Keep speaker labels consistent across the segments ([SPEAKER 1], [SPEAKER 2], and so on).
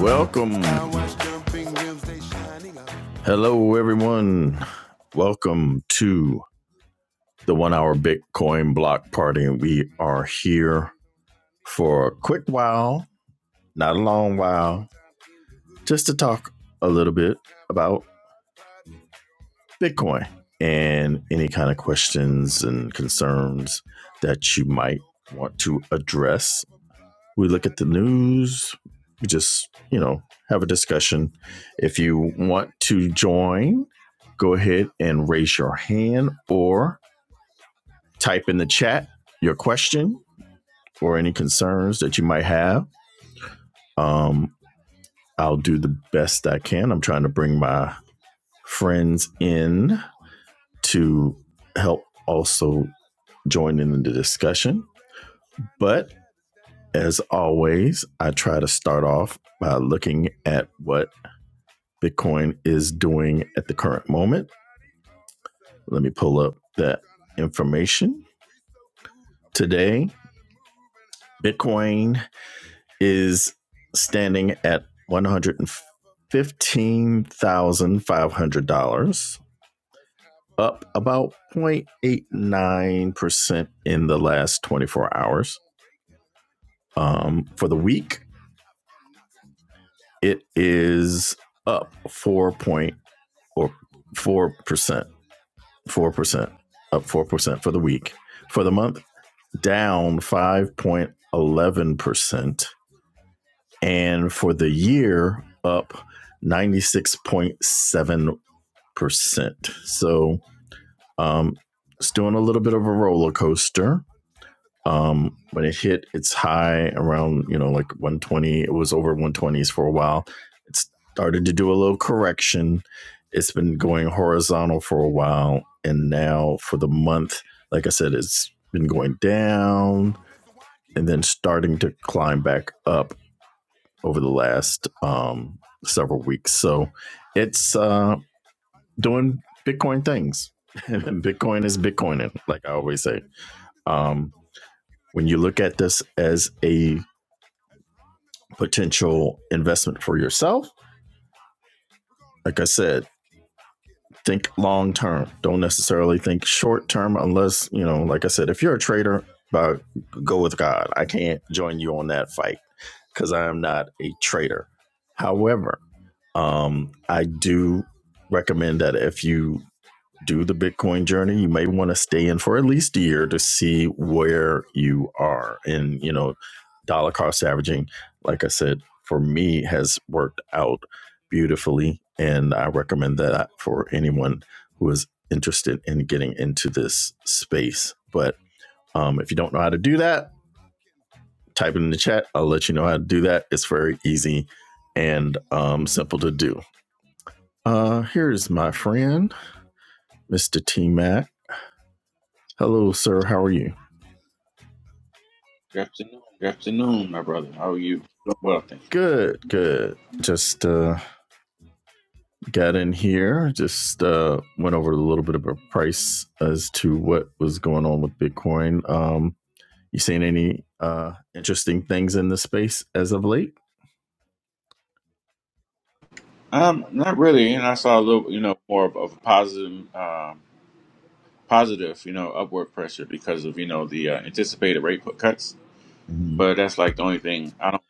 [SPEAKER 1] Welcome. Hello, everyone. Welcome to the one hour Bitcoin block party. We are here for a quick while, not a long while, just to talk a little bit about Bitcoin and any kind of questions and concerns that you might want to address we look at the news, we just, you know, have a discussion. If you want to join, go ahead and raise your hand or type in the chat your question or any concerns that you might have. Um, I'll do the best I can. I'm trying to bring my friends in to help also join in the discussion. But as always, I try to start off by looking at what Bitcoin is doing at the current moment. Let me pull up that information. Today, Bitcoin is standing at $115,500, up about 0.89% in the last 24 hours. Um, for the week, it is up 4 point or 4%, 4%, up 4% for the week. For the month, down 5.11%. And for the year, up 96.7%. So um, it's doing a little bit of a roller coaster. Um, when it hit its high around, you know, like 120, it was over 120s for a while. It started to do a little correction. It's been going horizontal for a while. And now for the month, like I said, it's been going down and then starting to climb back up over the last um, several weeks. So it's uh, doing Bitcoin things. Bitcoin is Bitcoining, like I always say. Um, when you look at this as a potential investment for yourself, like I said, think long term. Don't necessarily think short term, unless you know, like I said, if you're a trader, but go with God. I can't join you on that fight because I am not a trader. However, um, I do recommend that if you do the Bitcoin journey, you may want to stay in for at least a year to see where you are. And, you know, dollar cost averaging, like I said, for me has worked out beautifully. And I recommend that for anyone who is interested in getting into this space. But um, if you don't know how to do that, type it in the chat. I'll let you know how to do that. It's very easy and um, simple to do. Uh, here's my friend, Mr. T Mac. Hello, sir. How are you?
[SPEAKER 2] Good afternoon, my brother. How are you? Doing well, thank you.
[SPEAKER 1] Good, good. Just uh, got in here. Just uh, went over a little bit of a price as to what was going on with Bitcoin. Um, you seen any uh, interesting things in the space as of late?
[SPEAKER 2] Um, not really. And I saw a little, you know, more of, of a positive, um, positive, you know, upward pressure because of you know the uh, anticipated rate put cuts.
[SPEAKER 1] hmm
[SPEAKER 2] But that's like the only thing. I don't.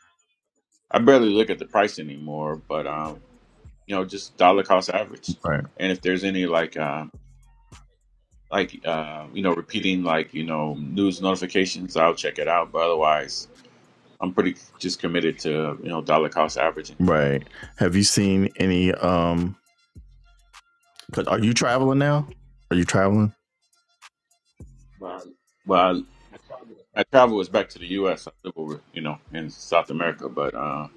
[SPEAKER 2] I barely look at the price anymore. But um, you know, just dollar cost average.
[SPEAKER 1] Right,
[SPEAKER 2] And if there's any like uh, like uh, you know, repeating like you know news notifications, I'll check it out. But otherwise, I'm pretty just committed to you know dollar cost averaging.
[SPEAKER 1] right. Have you seen any? Um, 'cause are you traveling now? Are you traveling?
[SPEAKER 2] Well. I travel is back to the U.S. I live over, you know, in South America, but uh,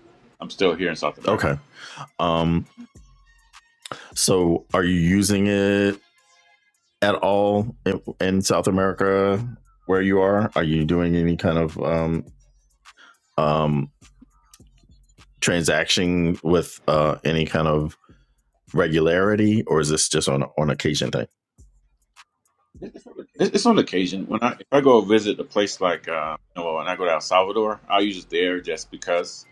[SPEAKER 2] I'm still here in South America.
[SPEAKER 1] Okay. Um, so are you using it at all in, in South America where you are? Are you doing any kind of um, um, transaction with uh, any kind of regularity, or is this just on on occasion thing?
[SPEAKER 2] It- It's on occasion when I if I go visit a place like uh, you know when I go to El Salvador, I'll use it there just because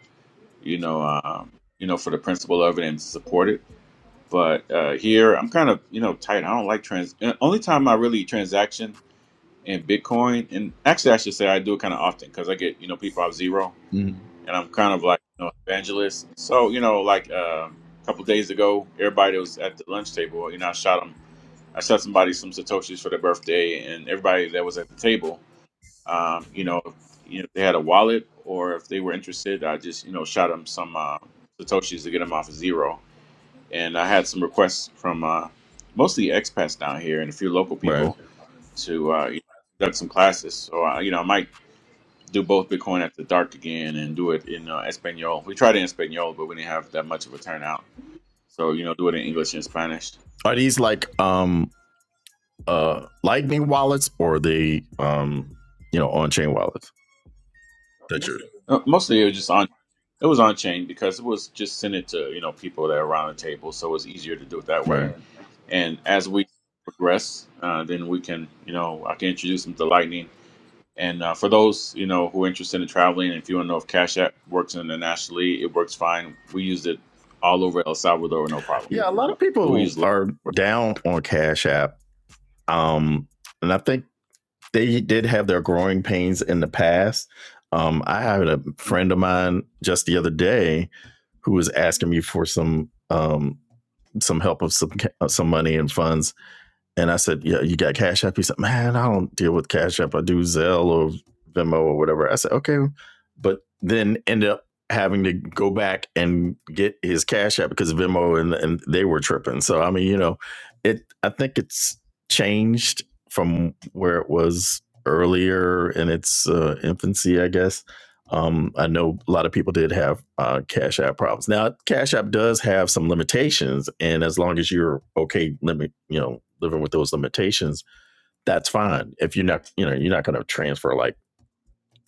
[SPEAKER 2] you know um, you know for the principle of it and support it. But uh, here I'm kind of you know tight. I don't like trans. uh, Only time I really transaction in Bitcoin, and actually I should say I do it kind of often because I get you know people off zero.
[SPEAKER 1] Mhm.
[SPEAKER 2] and I'm kind of like you know, evangelist. So you know, like uh, a couple days ago, everybody was at the lunch table. You know, I shot them. I shot somebody some satoshis for their birthday, and everybody that was at the table, um, you know, you know, if they had a wallet or if they were interested, I just you know shot them some uh, satoshis to get them off of zero. And I had some requests from uh, mostly expats down here and a few local
[SPEAKER 1] Right?
[SPEAKER 2] people to uh, you know, conduct some classes. So uh, you know, I might do both Bitcoin after dark again and do it in uh, Espanol. We tried it in Espanol, but we didn't have that much of a turnout. So you know, do it in English and Spanish.
[SPEAKER 1] Are these like um uh Lightning wallets or the um you know on chain wallets that you're
[SPEAKER 2] Uh, mostly it was just on. It was on chain because it was just sent it to you know people that are around the table, so it was easier to do it that way.
[SPEAKER 1] right?
[SPEAKER 2] And as we progress, uh, then we can you know I can introduce them to Lightning. And uh, for those you know who are interested in traveling, if you want to know if Cash App works internationally, it works fine. We used it all over El Salvador, no problem.
[SPEAKER 1] Yeah, a lot of
[SPEAKER 2] We
[SPEAKER 1] people
[SPEAKER 2] use Lightning.
[SPEAKER 1] are down on Cash App. Um, and I think they did have their growing pains in the past. Um, I had a friend of mine just the other day who was asking me for some um, some help of some uh, some money and funds And I said, Yeah, you got Cash App? He said, Man, I don't deal with Cash App. I do Zelle or Venmo or whatever. I said, Okay. But then ended up having to go back and get his Cash App because Venmo and, and they were tripping. So, I mean, you know, it, I think it's changed from where it was earlier in its uh, infancy, I guess. Um, I know a lot of people did have uh, Cash App problems. Now, Cash App does have some limitations, and as long as you're okay, limit you know living with those limitations, that's fine. If you're not, you know, you're not going to transfer like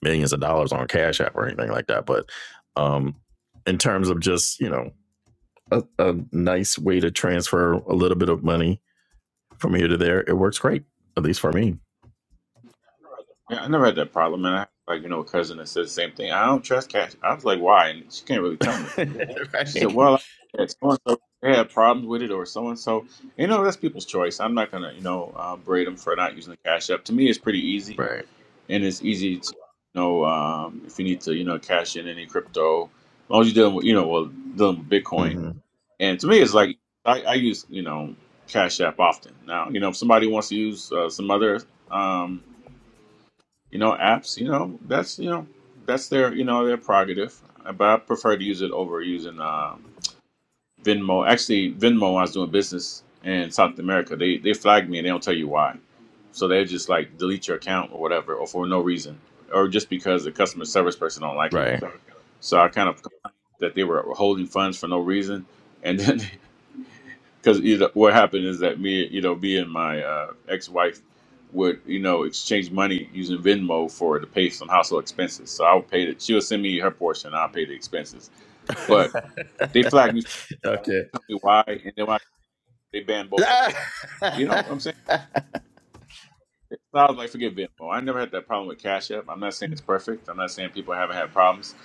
[SPEAKER 1] millions of dollars on Cash App or anything like that. But um, in terms of just you know a, a nice way to transfer a little bit of money from here to there, it works great, at least for me.
[SPEAKER 2] Yeah, I never had that problem, and I have, like you know a cousin that said the same thing. I don't trust cash. I was like, why? And she can't really tell me. She said,
[SPEAKER 1] right?
[SPEAKER 2] well, I had so and so they had problems with it, or so and so. You know, that's people's choice. I'm not gonna you know uh, braid them for not using the cash app. To me, it's pretty easy,
[SPEAKER 1] Right.
[SPEAKER 2] and it's easy to you know um, if you need to you know cash in any crypto, as long as you're dealing with you know well dealing with Bitcoin.
[SPEAKER 1] hmm
[SPEAKER 2] And to me, it's like I, I use you know cash app often. Now you know if somebody wants to use uh, some other. Um, you know, apps, you know, that's you know, that's their you know their prerogative. Uh, But I prefer to use it over using uh, Venmo. Actually, Venmo, when I was doing business in South America, they they flagged me and they don't tell you why. So they just like delete your account or whatever, or for no reason, or just because the customer service person don't like you.
[SPEAKER 1] Right.
[SPEAKER 2] So I kind of complained that they were holding funds for no reason, and then because you know what happened is that me, you know, me and my uh, ex-wife would, you know, exchange money using Venmo for to pay some household expenses. So I would pay the She would send me her portion. and I'll pay the expenses. But they flagged me,
[SPEAKER 1] okay.
[SPEAKER 2] told me why, and then when I, they banned both of us. You know, what I'm saying. So I was like, forget Venmo. I never had that problem with Cash App. I'm not saying it's perfect. I'm not saying people haven't had problems,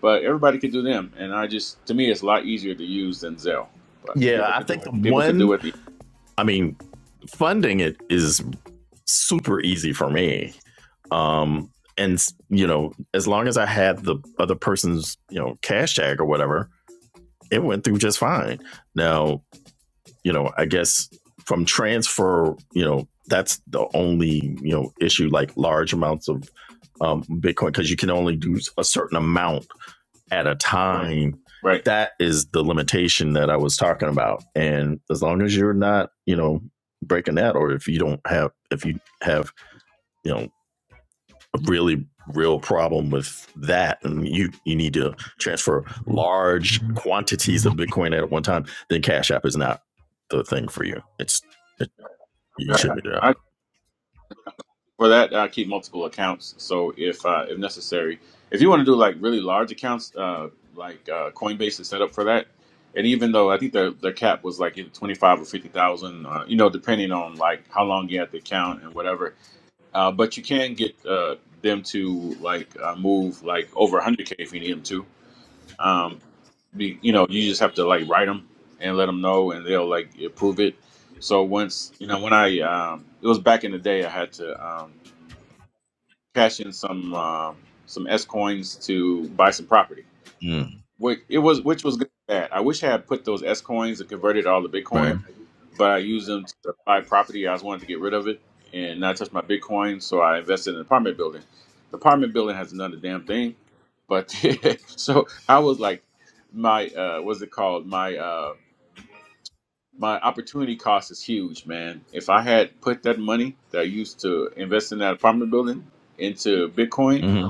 [SPEAKER 2] but everybody could do them. And I just, to me, it's a lot easier to use than Zelle. But
[SPEAKER 1] yeah, I think the
[SPEAKER 2] people could do
[SPEAKER 1] one.
[SPEAKER 2] it. the-
[SPEAKER 1] I mean, funding it is super easy for me. Um, and you know, as long as I had the other person's you know cash tag or whatever, it went through just fine. Now, you know, I guess from transfer, you know, that's the only you know issue, like large amounts of um, Bitcoin, because you can only do a certain amount at a time
[SPEAKER 2] Right.
[SPEAKER 1] that is the limitation that i was talking about and as long as you're not you know breaking that or if you don't have if you have you know a really real problem with that and you you need to transfer large quantities of bitcoin at one time then cash app is not the thing for you it's it, you
[SPEAKER 2] Right.
[SPEAKER 1] shouldn't be doing
[SPEAKER 2] I
[SPEAKER 1] that
[SPEAKER 2] For that, I keep multiple accounts. So if uh, if necessary, if you want to do like really large accounts, uh, like uh, Coinbase is set up for that. And even though I think their their cap was like either twenty five or fifty thousand, uh, you know, depending on like how long you had the account and whatever. Uh, but you can get uh, them to like uh, move like over hundred k if you need them to. Um, be, you know, you just have to like write them and let them know, and they'll like approve it. So once you know, when I um, it was back in the day, I had to. Um, cash in some um, some S coins to buy some property.
[SPEAKER 1] Mm,
[SPEAKER 2] Which it was which was good and bad. I wish I had put those S coins and converted all to Bitcoin,
[SPEAKER 1] right
[SPEAKER 2] but I used them to buy property. I was wanting to get rid of it and not touch my Bitcoin, so I invested in an apartment building. The apartment building has another damn thing, but so I was like, my uh, what's it called? My uh, my opportunity cost is huge, man. If I had put that money that I used to invest in that apartment building into Bitcoin,
[SPEAKER 1] hmm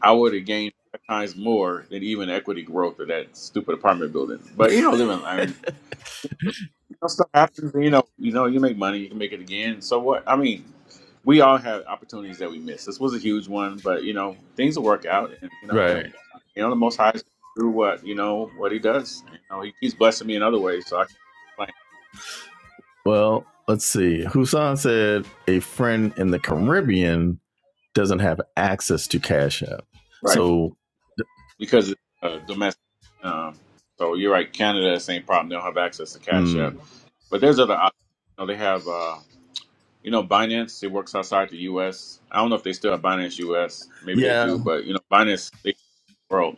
[SPEAKER 2] I would have gained five times more than even equity growth of that stupid apartment building. But you know, live and learn. You know, stuff happens. You know, you know, you make money, you can make it again. So what? I mean, we all have opportunities that we miss. This was a huge one, but you know, things will work out. And you know,
[SPEAKER 1] right
[SPEAKER 2] you know, the Most High is through what you know what He does. You know, He keeps blessing me in other ways, so I can't really complain.
[SPEAKER 1] Well, let's see. Husan said a friend in the Caribbean doesn't have access to Cash App.
[SPEAKER 2] Right?
[SPEAKER 1] So,
[SPEAKER 2] Because it's uh, domestic. Um, so you're right. Canada, same problem. They don't have access to Cash
[SPEAKER 1] mm,
[SPEAKER 2] App, but there's other options. You know, they have. Uh, You know, Binance, it works outside the US. I don't know if they still have Binance US. Maybe they
[SPEAKER 1] yeah,
[SPEAKER 2] do, but you know, Binance they the world.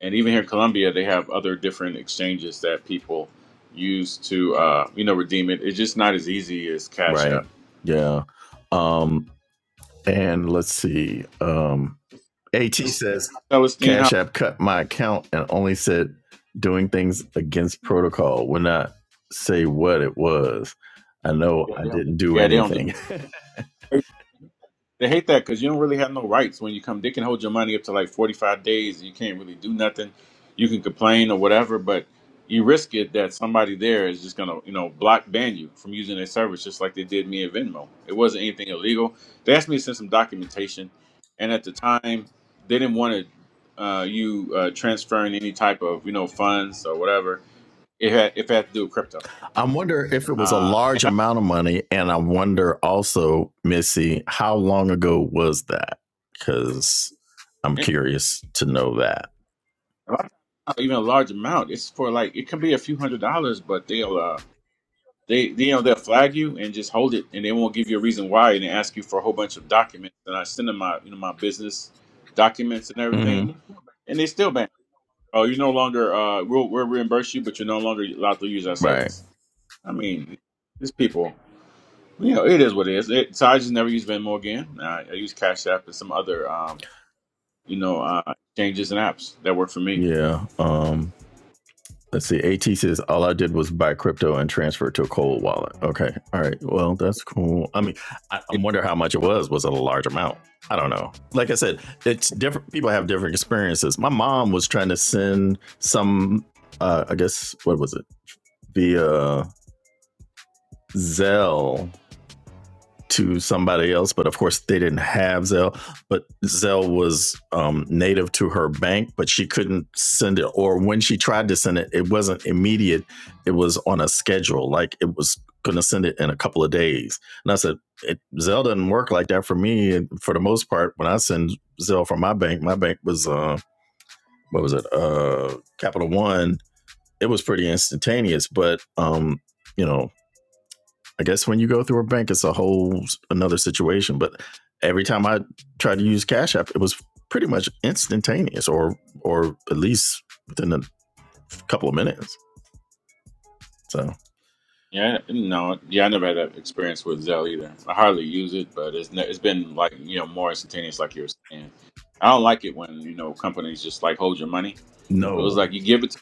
[SPEAKER 2] And even here in Colombia, they have other different exchanges that people use to uh, you know, redeem it. It's just not as easy as Cash
[SPEAKER 1] right.
[SPEAKER 2] App.
[SPEAKER 1] Yeah. Um, and let's see. Um, AT
[SPEAKER 2] Just
[SPEAKER 1] says
[SPEAKER 2] Celestine, how
[SPEAKER 1] Cash App cut my account and only said doing things against protocol, would not say what it was. I know I didn't do
[SPEAKER 2] yeah, they don't do
[SPEAKER 1] anything.
[SPEAKER 2] They hate that because you don't really have no rights when you come. They can hold your money up to like 45 days and you can't really do nothing. You can complain or whatever, but you risk it that somebody there is just going to, you know, block ban you from using their service just like they did me at Venmo. It wasn't anything illegal. They asked me to send some documentation. And at the time, they didn't want to, uh, you uh, transferring any type of, you know, funds or whatever. It had, if it had to do with crypto.
[SPEAKER 1] I wonder if it was a
[SPEAKER 2] Uh, and,
[SPEAKER 1] large amount of money, and I wonder also, Missy, how long ago was that? Because I'm
[SPEAKER 2] and
[SPEAKER 1] curious to know that.
[SPEAKER 2] lot of times, not even a large amount. It's for like, it can be a few hundred dollars, but they'll, uh, They, they, you know, they'll flag you and just hold it, and they won't give you a reason why, and they ask you for a whole bunch of documents. And I send them my, you know, my business documents and everything,
[SPEAKER 1] Mm-hmm.
[SPEAKER 2] and they still ban. Oh, you no longer, uh, we'll, we'll reimburse you, but you're no longer allowed to use our
[SPEAKER 1] Right.
[SPEAKER 2] service. I mean, these people, you know, it is what it is. It, so I just never use Venmo again. I, I use Cash App and some other, um, you know, uh, exchanges and apps that work for me.
[SPEAKER 1] Yeah. Um. Let's see. At says all I did was buy crypto and transfer it to a cold wallet. Okay. All right. Well, that's cool. I mean, I, I wonder how much it was. Was it a large amount? I don't know. Like I said, it's different. People have different experiences. My mom was trying to send some. Uh, I guess what was it? via. Zelle to somebody else, but of course they didn't have Zelle. But Zelle was um, native to her bank, but she couldn't send it. Or when she tried to send it, it wasn't immediate. It was on a schedule, like it was going to send it in a couple of days. And I said, it, Zell doesn't work like that for me. And for the most part, when I send Zelle from my bank, my bank was uh, what was it? Uh, Capital One. It was pretty instantaneous, but um, you know, I guess when you go through a bank, it's a whole another situation. But every time I tried to use Cash App, it was pretty much instantaneous, or or at least within a couple of minutes. So
[SPEAKER 2] Yeah, I- no, yeah, I never had that experience with Zelle either. I hardly use it, but it's ne- it's been like you know more instantaneous, like you were saying. I don't like it when you know companies just like hold your money. It was
[SPEAKER 1] no,
[SPEAKER 2] like you give it to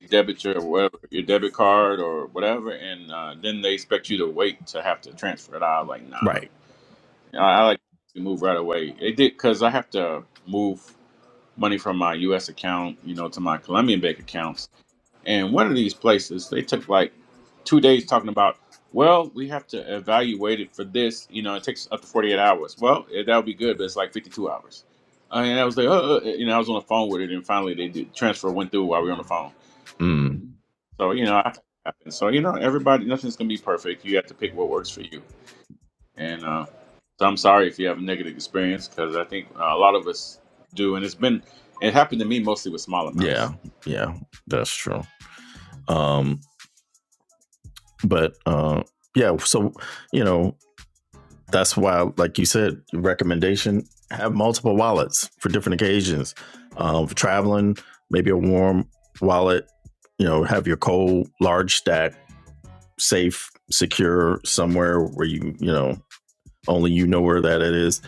[SPEAKER 2] your debit your whatever your debit card or whatever, and uh, then they expect you to wait to have to transfer it. I was like, nah,
[SPEAKER 1] right?
[SPEAKER 2] You know, I, I like to move right away. It did because I have to move money from my U.S. account, you know, to my Colombian bank account. And one of these places, they took like two days talking about, well, we have to evaluate it for this. You know, it takes up to 48 hours. Well, eh, that would be good, but it's like 52 hours. I mean, I was like, oh, uh, uh," you know, I was on the phone with it, and finally they did, transfer went through while we were on the phone.
[SPEAKER 1] Mm,
[SPEAKER 2] So, you know, I happen. So, you know, everybody, nothing's going to be perfect. You have to pick what works for you. And uh, so I'm sorry if you have a negative experience because I think uh, a lot of us do. And it's been, it happened to me mostly with small amounts.
[SPEAKER 1] yeah, yeah, that's true. Um, but uh, yeah, so you know, that's why, like you said, recommendation have multiple wallets for different occasions. Um, for traveling, maybe a warm wallet. You know, have your cold, large stack, safe, secure somewhere where you you know only you know where that it is.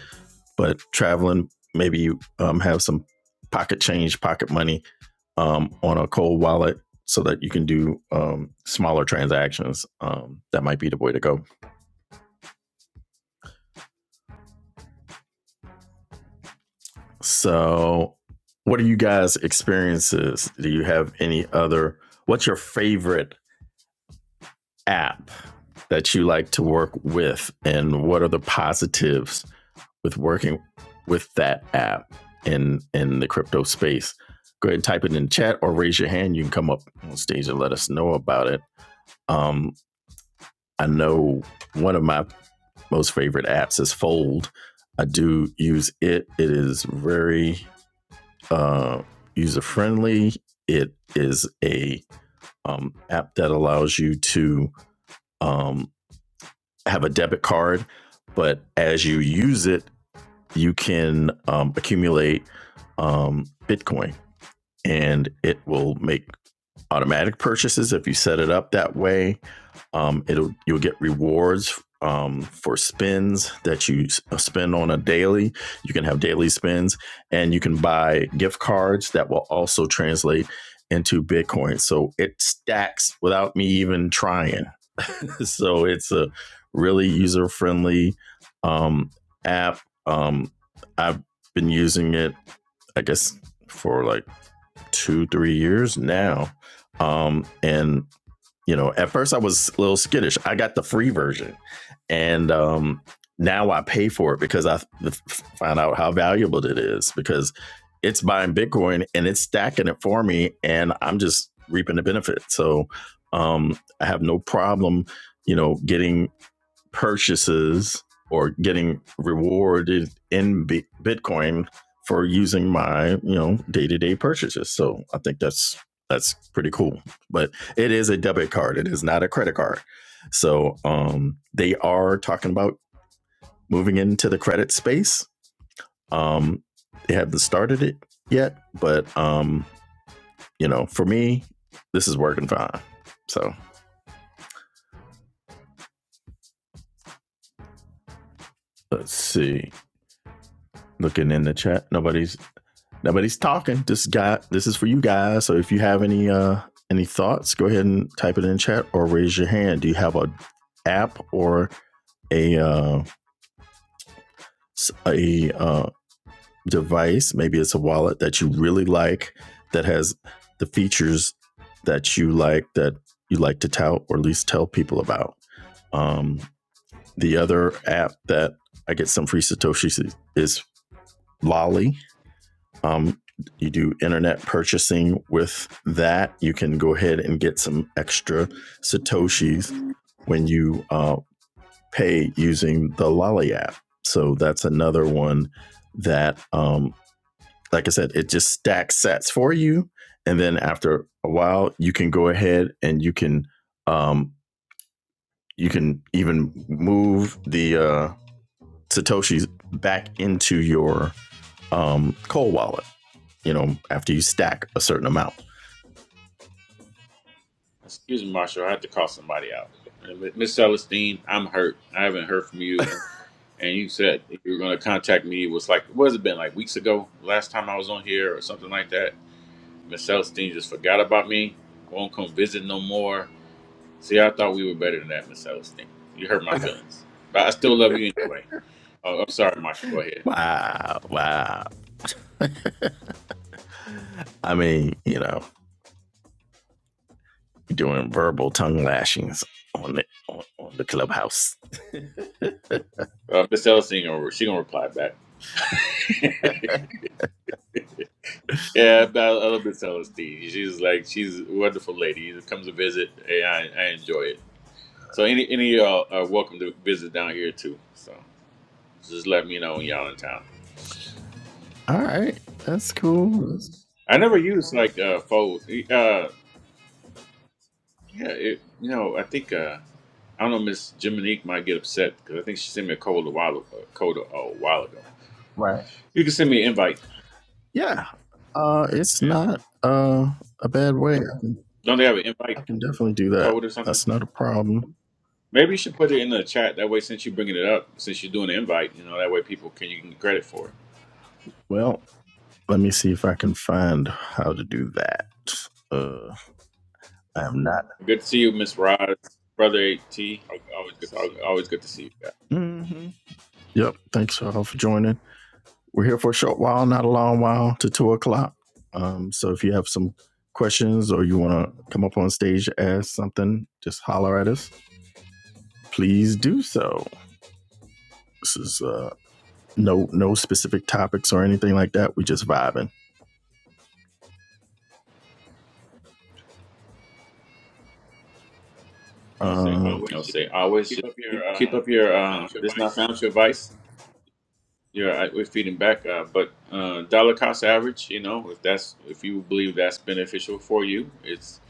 [SPEAKER 1] But traveling, maybe you um, have some pocket change, pocket money um, on a cold wallet so that you can do um, smaller transactions. Um, that might be the way to go. So, what are you guys' experiences? Do you have any other? What's your favorite app that you like to work with, and what are the positives with working with that app in in the crypto space? Go ahead and type it in chat or raise your hand. You can come up on stage and let us know about it. Um, I know one of my most favorite apps is Fold. I do use it. It is very uh, user friendly. It is a um, app that allows you to um, have a debit card, but as you use it, you can um, accumulate um, Bitcoin, and it will make automatic purchases if you set it up that way. Um, it'll you'll get rewards um, for spins that you spend on a daily. You can have daily spins, and you can buy gift cards that will also translate into Bitcoin. So it stacks without me even trying. so it's a really user friendly um, app. Um, I've been using it, I guess, for like two three years now, um, and you know at first i was a little skittish i got the free version and um now i pay for it because I found out how valuable it is because it's buying bitcoin and it's stacking it for me and i'm just reaping the benefit so um i have no problem you know getting purchases or getting rewarded in Bi- Bitcoin for using my you know day to day purchases. So I think that's that's pretty cool. But it is a debit card. It is not a credit card. So um, they are talking about moving into the credit space. Um, they haven't started it yet, but um, you know, for me, this is working fine. So let's see. Looking in the chat, nobody's Nobody's talking. This guy, this is for you guys. So if you have any uh any thoughts, go ahead and type it in chat or raise your hand. Do you have a app or a uh, s- a uh, device? Maybe it's a wallet that you really like that has the features that you like that you like to tout or at least tell people about. Um, the other app that I get some free satoshis is Lolly, Um, you do internet purchasing with that. You can go ahead and get some extra Satoshis when you uh, pay using the Lolly app. So that's another one that, um, like I said, it just stacks sets for you. And then after a while, you can go ahead and you can um, you can even move the uh, satoshis back into your um, cold wallet. You know, after you stack a certain amount.
[SPEAKER 2] Excuse me, Marshall. I had to call somebody out. And Miss Celestine, I'm hurt. I haven't heard from you. And you said you were going to contact me. It was like, what has it been, like weeks ago? Last time I was on here or something like that. Miss Celestine just forgot about me. Won't come visit no more. See, I thought we were better than that, Miss Celestine. You hurt my feelings. But I still love you anyway. Oh, I'm sorry, Marshall. Go ahead.
[SPEAKER 1] Wow, wow. I mean, you know, doing verbal tongue lashings on the on, on the clubhouse.
[SPEAKER 2] Uh, Miss Celestine, gonna- she going to reply back. Yeah, but I love Miss Celestine. She's like, she's a wonderful lady. She comes to visit, and I, I enjoy it. So any any of y'all are welcome to visit down here too. So just let me know when y'all in town.
[SPEAKER 1] All right, that's cool.
[SPEAKER 2] I never used like uh fold. Uh yeah, it, you know, I think uh I don't know Miss Jiminique might get upset because I think she sent me a code a while a code a, a while ago.
[SPEAKER 1] right.
[SPEAKER 2] You can send me an invite.
[SPEAKER 1] Yeah. Uh, it's
[SPEAKER 2] And
[SPEAKER 1] not uh a bad way. I can,
[SPEAKER 2] don't they have an invite
[SPEAKER 1] I can definitely do that.
[SPEAKER 2] code or something?
[SPEAKER 1] That's not a problem.
[SPEAKER 2] Maybe you should put it in the chat that way since you're bringing it up, since you're doing the invite, you know, that way people can you can get credit for it.
[SPEAKER 1] Well, let me see if I can find how to do that. Uh, I have not.
[SPEAKER 2] Good to see you, Miss Roz, brother AT. It's al- always good to see you guys.
[SPEAKER 1] hmm Yep. Thanks all for joining. We're here for a short while, not a long while, to two o'clock. Um, so if you have some questions or you want to come up on stage to ask something, just holler at us. Please do so. This is uh, no no specific topics or anything like that. We just vibing. Um,
[SPEAKER 2] I'll say always just keep, keep up your uh, this is not financial advice. You're uh, we're feeding back, uh, but uh, dollar cost average. You know, if that's if you believe that's beneficial for you, it's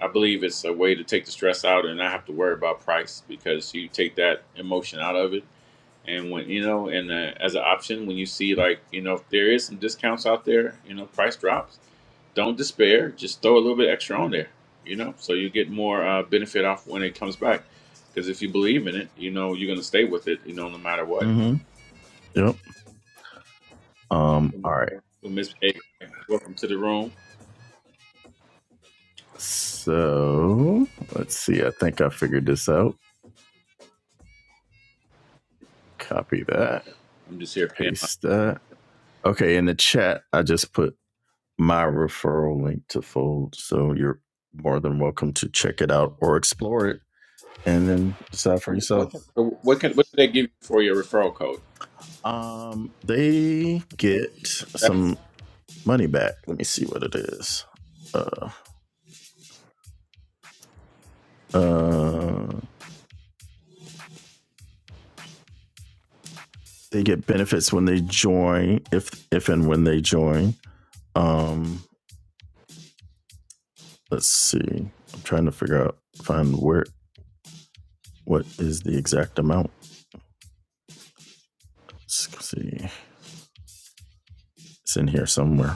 [SPEAKER 2] I believe it's a way to take the stress out and not have to worry about price because you take that emotion out of it. And when you know, and uh, as an option, when you see like you know, if there is some discounts out there, you know, price drops don't despair. Just throw a little bit extra on there, you know, so you get more uh, benefit off when it comes back. Because if you believe in it, you know you're gonna stay with it, you know, no matter what.
[SPEAKER 1] hmm Yep. Um, all right.
[SPEAKER 2] Well, Miss A, welcome to the room.
[SPEAKER 1] So let's see. I think I figured this out. Copy that.
[SPEAKER 2] I'm just here. paying my-
[SPEAKER 1] Paste that. Okay. In the chat, I just put my referral link to Fold. So you're more than welcome to check it out or explore it and then decide for yourself.
[SPEAKER 2] So what can what did they give you for your referral code?
[SPEAKER 1] Um, they get
[SPEAKER 2] That's,
[SPEAKER 1] some money back. Let me see what it is. Uh, uh, they get benefits when they join, if if and when they join. Um, let's see. I'm trying to figure out find where what is the exact amount. Let's see, it's in here somewhere.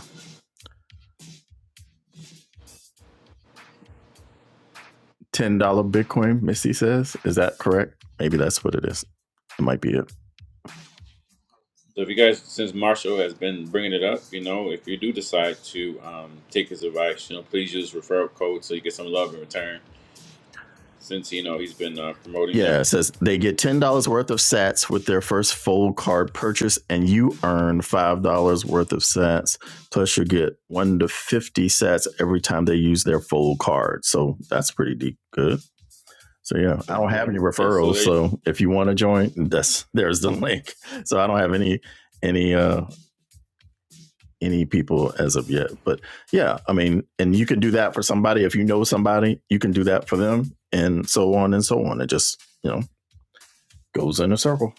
[SPEAKER 1] ten dollar Bitcoin. Missy says, is that correct? Maybe that's what it is. It might be it.
[SPEAKER 2] so if you guys, since Marshall has been bringing it up, you know, if you do decide to um, take his advice, you know, please use referral code so you get some love in return. Since you know he's been uh, promoting them.
[SPEAKER 1] Yeah, it says they get ten dollars worth of Sats with their first fold card purchase, and you earn five dollars worth of Sats. Plus, you get one to fifty Sats every time they use their fold card. So that's pretty deep good. So yeah, I don't have any
[SPEAKER 2] Yeah. So
[SPEAKER 1] referrals.
[SPEAKER 2] there.
[SPEAKER 1] So if you want to join, that's there's the link. So I don't have any any uh any people as of yet. But yeah, I mean, and you can do that for somebody. If you know somebody, you can do that for them and so on and so on. It just, you know, goes in a circle.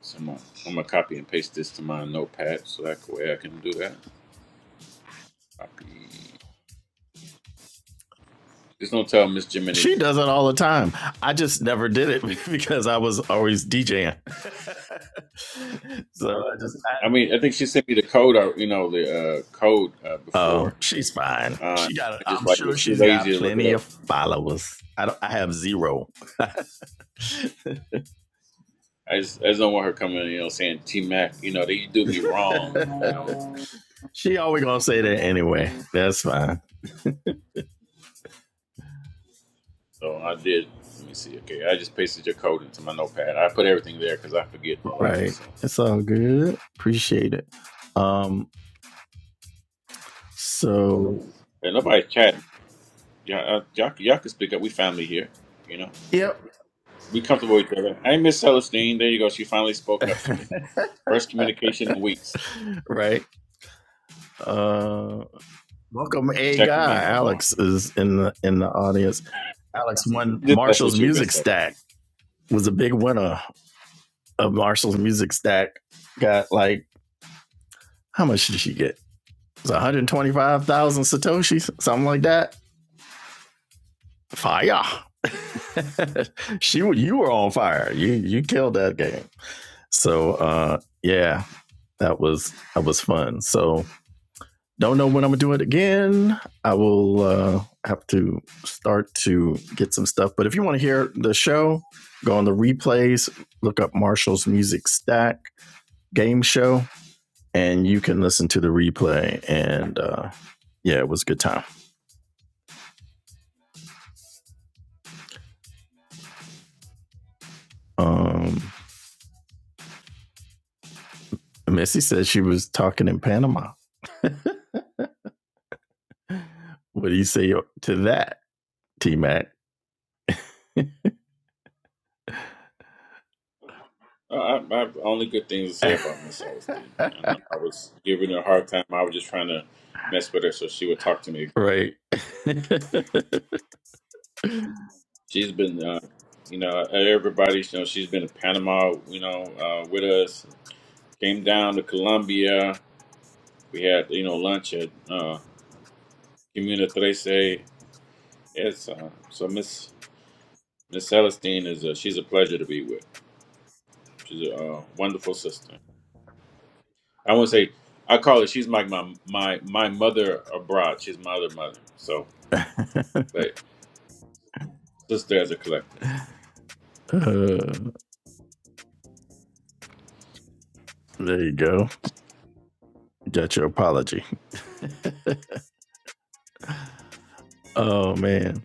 [SPEAKER 2] So I'm gonna, I'm gonna copy and paste this to my notepad so that way I can do that. Copy. Just don't tell Miss Jiminique.
[SPEAKER 1] She does it all the time. I just never did it because I was always DJing. so I just,
[SPEAKER 2] I
[SPEAKER 1] I,
[SPEAKER 2] mean, I think she sent me the code, uh, you know, the uh, code uh,
[SPEAKER 1] oh,
[SPEAKER 2] before.
[SPEAKER 1] she's fine.
[SPEAKER 2] Uh,
[SPEAKER 1] She got,
[SPEAKER 2] I just
[SPEAKER 1] I'm
[SPEAKER 2] like
[SPEAKER 1] sure
[SPEAKER 2] was too
[SPEAKER 1] she's
[SPEAKER 2] lazy
[SPEAKER 1] got
[SPEAKER 2] to look it
[SPEAKER 1] plenty
[SPEAKER 2] up.
[SPEAKER 1] of followers. I, don't, I have zero.
[SPEAKER 2] I just, I just don't want her coming, you know, saying T Mac, you know, they do me wrong, you know.
[SPEAKER 1] she always gonna say that anyway. That's fine.
[SPEAKER 2] So I did. Let me see. Okay, I just pasted your code into my notepad. I put everything there because I forget a lot.
[SPEAKER 1] Right.
[SPEAKER 2] So
[SPEAKER 1] It's all good. Appreciate it. Um, so
[SPEAKER 2] and nobody's chatting. Yeah, uh, y'all, y'all can speak up. We family here, you know.
[SPEAKER 1] yep,
[SPEAKER 2] Be comfortable with each other. Hey, Miss Celestine. There you go. She finally spoke up to me. First communication in weeks.
[SPEAKER 1] right. Uh welcome a
[SPEAKER 2] Check with me
[SPEAKER 1] guy.
[SPEAKER 2] no more.
[SPEAKER 1] Alex is in the in the audience. Alex won
[SPEAKER 2] Just mess
[SPEAKER 1] Marshall's
[SPEAKER 2] with you,
[SPEAKER 1] music
[SPEAKER 2] Miss
[SPEAKER 1] stack,
[SPEAKER 2] Celestine.
[SPEAKER 1] was a big winner of Marshall's music stack. Got like how much did she get? It was 125,000 Satoshis, something like that. Fire. she you were on fire. You you killed that game. So uh yeah, that was that was fun. So don't know when I'm gonna do it again. I will uh, have to start to get some stuff. But if you want to hear the show, go on the replays, look up Marshall's Music Stack Game Show, and you can listen to the replay. And uh, yeah, it was a good time. Um, Missy said she was talking in Panama. What do you say to that, T Mac?
[SPEAKER 2] Uh, I, I have only good things to say about Miss Celestine. I know I was giving her a hard time. I was just trying to mess with her so she would talk to me.
[SPEAKER 1] right.
[SPEAKER 2] She's been, uh, you know, everybody. You know, she's been in Panama. You know, uh, with us. Came down to Colombia. We had, you know, lunch at uh, Comuna Trece. It's uh, so Miss. Miss Celestine is a she's a pleasure to be with. She's a uh, wonderful sister. I won't say I call her. She's like my my my mother abroad. She's my other mother. So, but sister as a collective.
[SPEAKER 1] Uh, there you go. That's your apology. Oh man.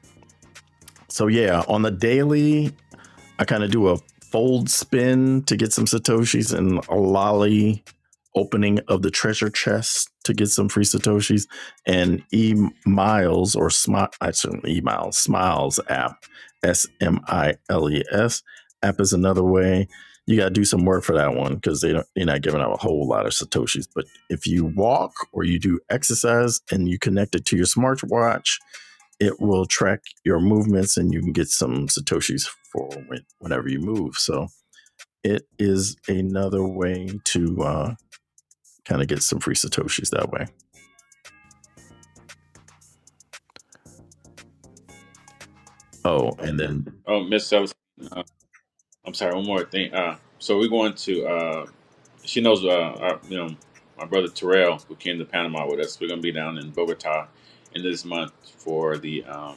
[SPEAKER 1] So yeah, on the daily, I kind of do a fold spin to get some satoshis and a lolly opening of the treasure chest to get some free satoshis and e miles or smile I shouldn't e miles smiles app s m i l e s app is another way you got to do some work for that one because they don't you're not giving out a whole lot of satoshis but if you walk or you do exercise and you connect it to your smartwatch it will track your movements and you can get some satoshis for whenever you move so it is another way to uh, kind of get some free satoshis that way oh and then
[SPEAKER 2] Oh, Miss Celestine. Uh, I'm sorry. One more thing. Uh, so we're going to. Uh, she knows. Uh, our, you know, my brother Terrell, who came to Panama with us. We're gonna be down in Bogota in this month for the um,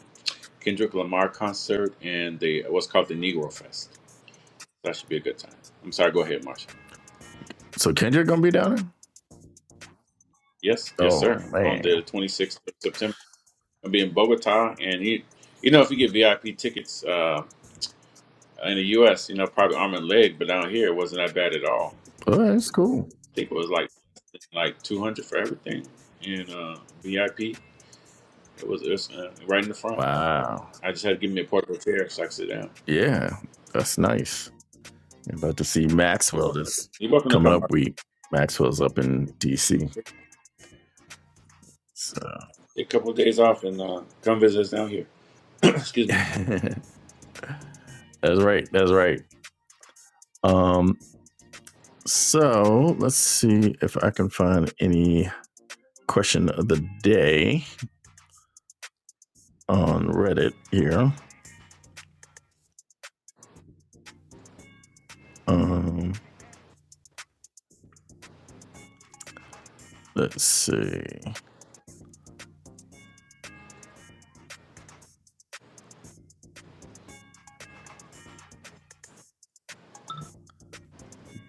[SPEAKER 2] Kendrick Lamar concert and the what's called the Negro Fest. That should be a good time. I'm sorry. Go ahead, Marsha.
[SPEAKER 1] so kendrick gonna be down there
[SPEAKER 2] Yes, yes,
[SPEAKER 1] oh
[SPEAKER 2] sir. On the
[SPEAKER 1] man
[SPEAKER 2] 26th of September, I'll be in Bogota, and you, you know, if you get VIP tickets uh, in the U.S., you know, probably arm and leg, but down here it wasn't that bad at all.
[SPEAKER 1] oh that's cool
[SPEAKER 2] I think it was like like 200 for everything, and uh, VIP it was, it was uh, right in the front.
[SPEAKER 1] wow
[SPEAKER 2] I just had to give me a portable chair so I could sit down.
[SPEAKER 1] yeah that's nice I'm about to see maxwell this
[SPEAKER 2] You're welcome to
[SPEAKER 1] coming
[SPEAKER 2] come
[SPEAKER 1] up
[SPEAKER 2] out.
[SPEAKER 1] week maxwell's up in dc so
[SPEAKER 2] Take a couple of days off and uh, come visit us down here. Excuse me.
[SPEAKER 1] that's right that's right um So let's see if I can find any question of the day on Reddit here. Um, let's see.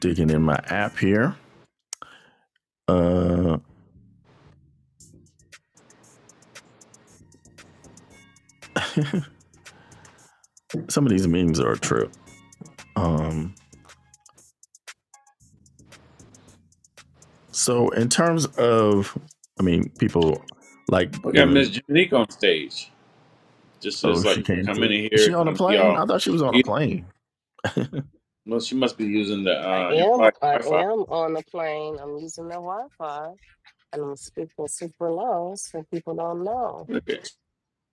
[SPEAKER 1] Digging in my app here. Uh, some of these memes are true. Um, so in terms of, I mean, people like
[SPEAKER 2] We got Miss
[SPEAKER 1] giving.
[SPEAKER 2] Jiminique on stage. Just
[SPEAKER 1] Oh,
[SPEAKER 2] as like
[SPEAKER 1] she came
[SPEAKER 2] come
[SPEAKER 1] through.
[SPEAKER 2] in
[SPEAKER 1] Is
[SPEAKER 2] here,
[SPEAKER 1] she on a
[SPEAKER 2] kind of be
[SPEAKER 1] plane?
[SPEAKER 2] all.
[SPEAKER 1] I thought she was on a plane.
[SPEAKER 2] Well, she must be using the
[SPEAKER 3] I
[SPEAKER 2] uh,
[SPEAKER 3] am.
[SPEAKER 2] in-flight
[SPEAKER 3] I
[SPEAKER 2] Wi-Fi.
[SPEAKER 3] am on the plane. I'm using the Wi-Fi, and I'm speaking super low, so people don't know.
[SPEAKER 2] Look at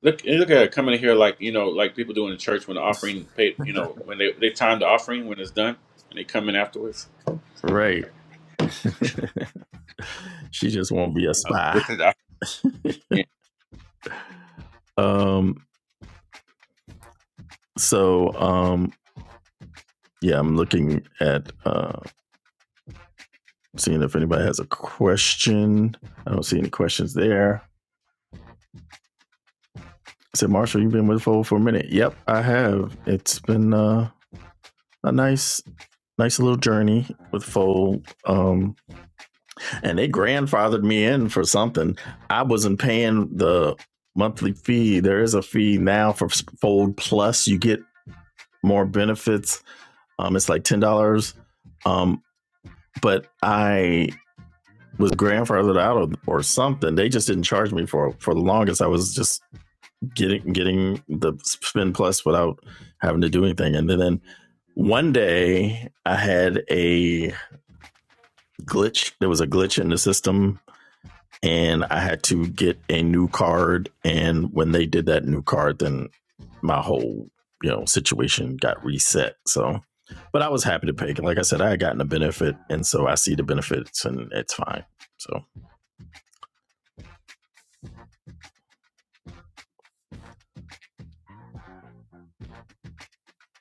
[SPEAKER 2] look and look at her coming in here like you know like people do in the church when the offering paid you know when they they time the offering when it's done and they come in afterwards.
[SPEAKER 1] Right. she just won't be a
[SPEAKER 2] Okay, let's
[SPEAKER 1] spy.
[SPEAKER 2] take the offering. in.
[SPEAKER 1] Um, so um Yeah, I'm looking at uh, seeing if anybody has a question. I don't see any questions there. I said, Marshall, you've been with Fold for a minute. Yep, I have. It's been uh, a nice, nice little journey with Fold. Um, and they grandfathered me in for something. I wasn't paying the monthly fee. There is a fee now for Fold Plus. You get more benefits. Um, it's like ten dollars. Um, but I was grandfathered out of, or something. They just didn't charge me for for the longest. I was just getting getting the spin plus without having to do anything. And then, then one day I had a glitch. There was a glitch in the system, and I had to get a new card. And when they did that new card, then my whole you know situation got reset. So. But I was happy to pay. Like I said, I had gotten a benefit, and so I see the benefits, and it's fine. So,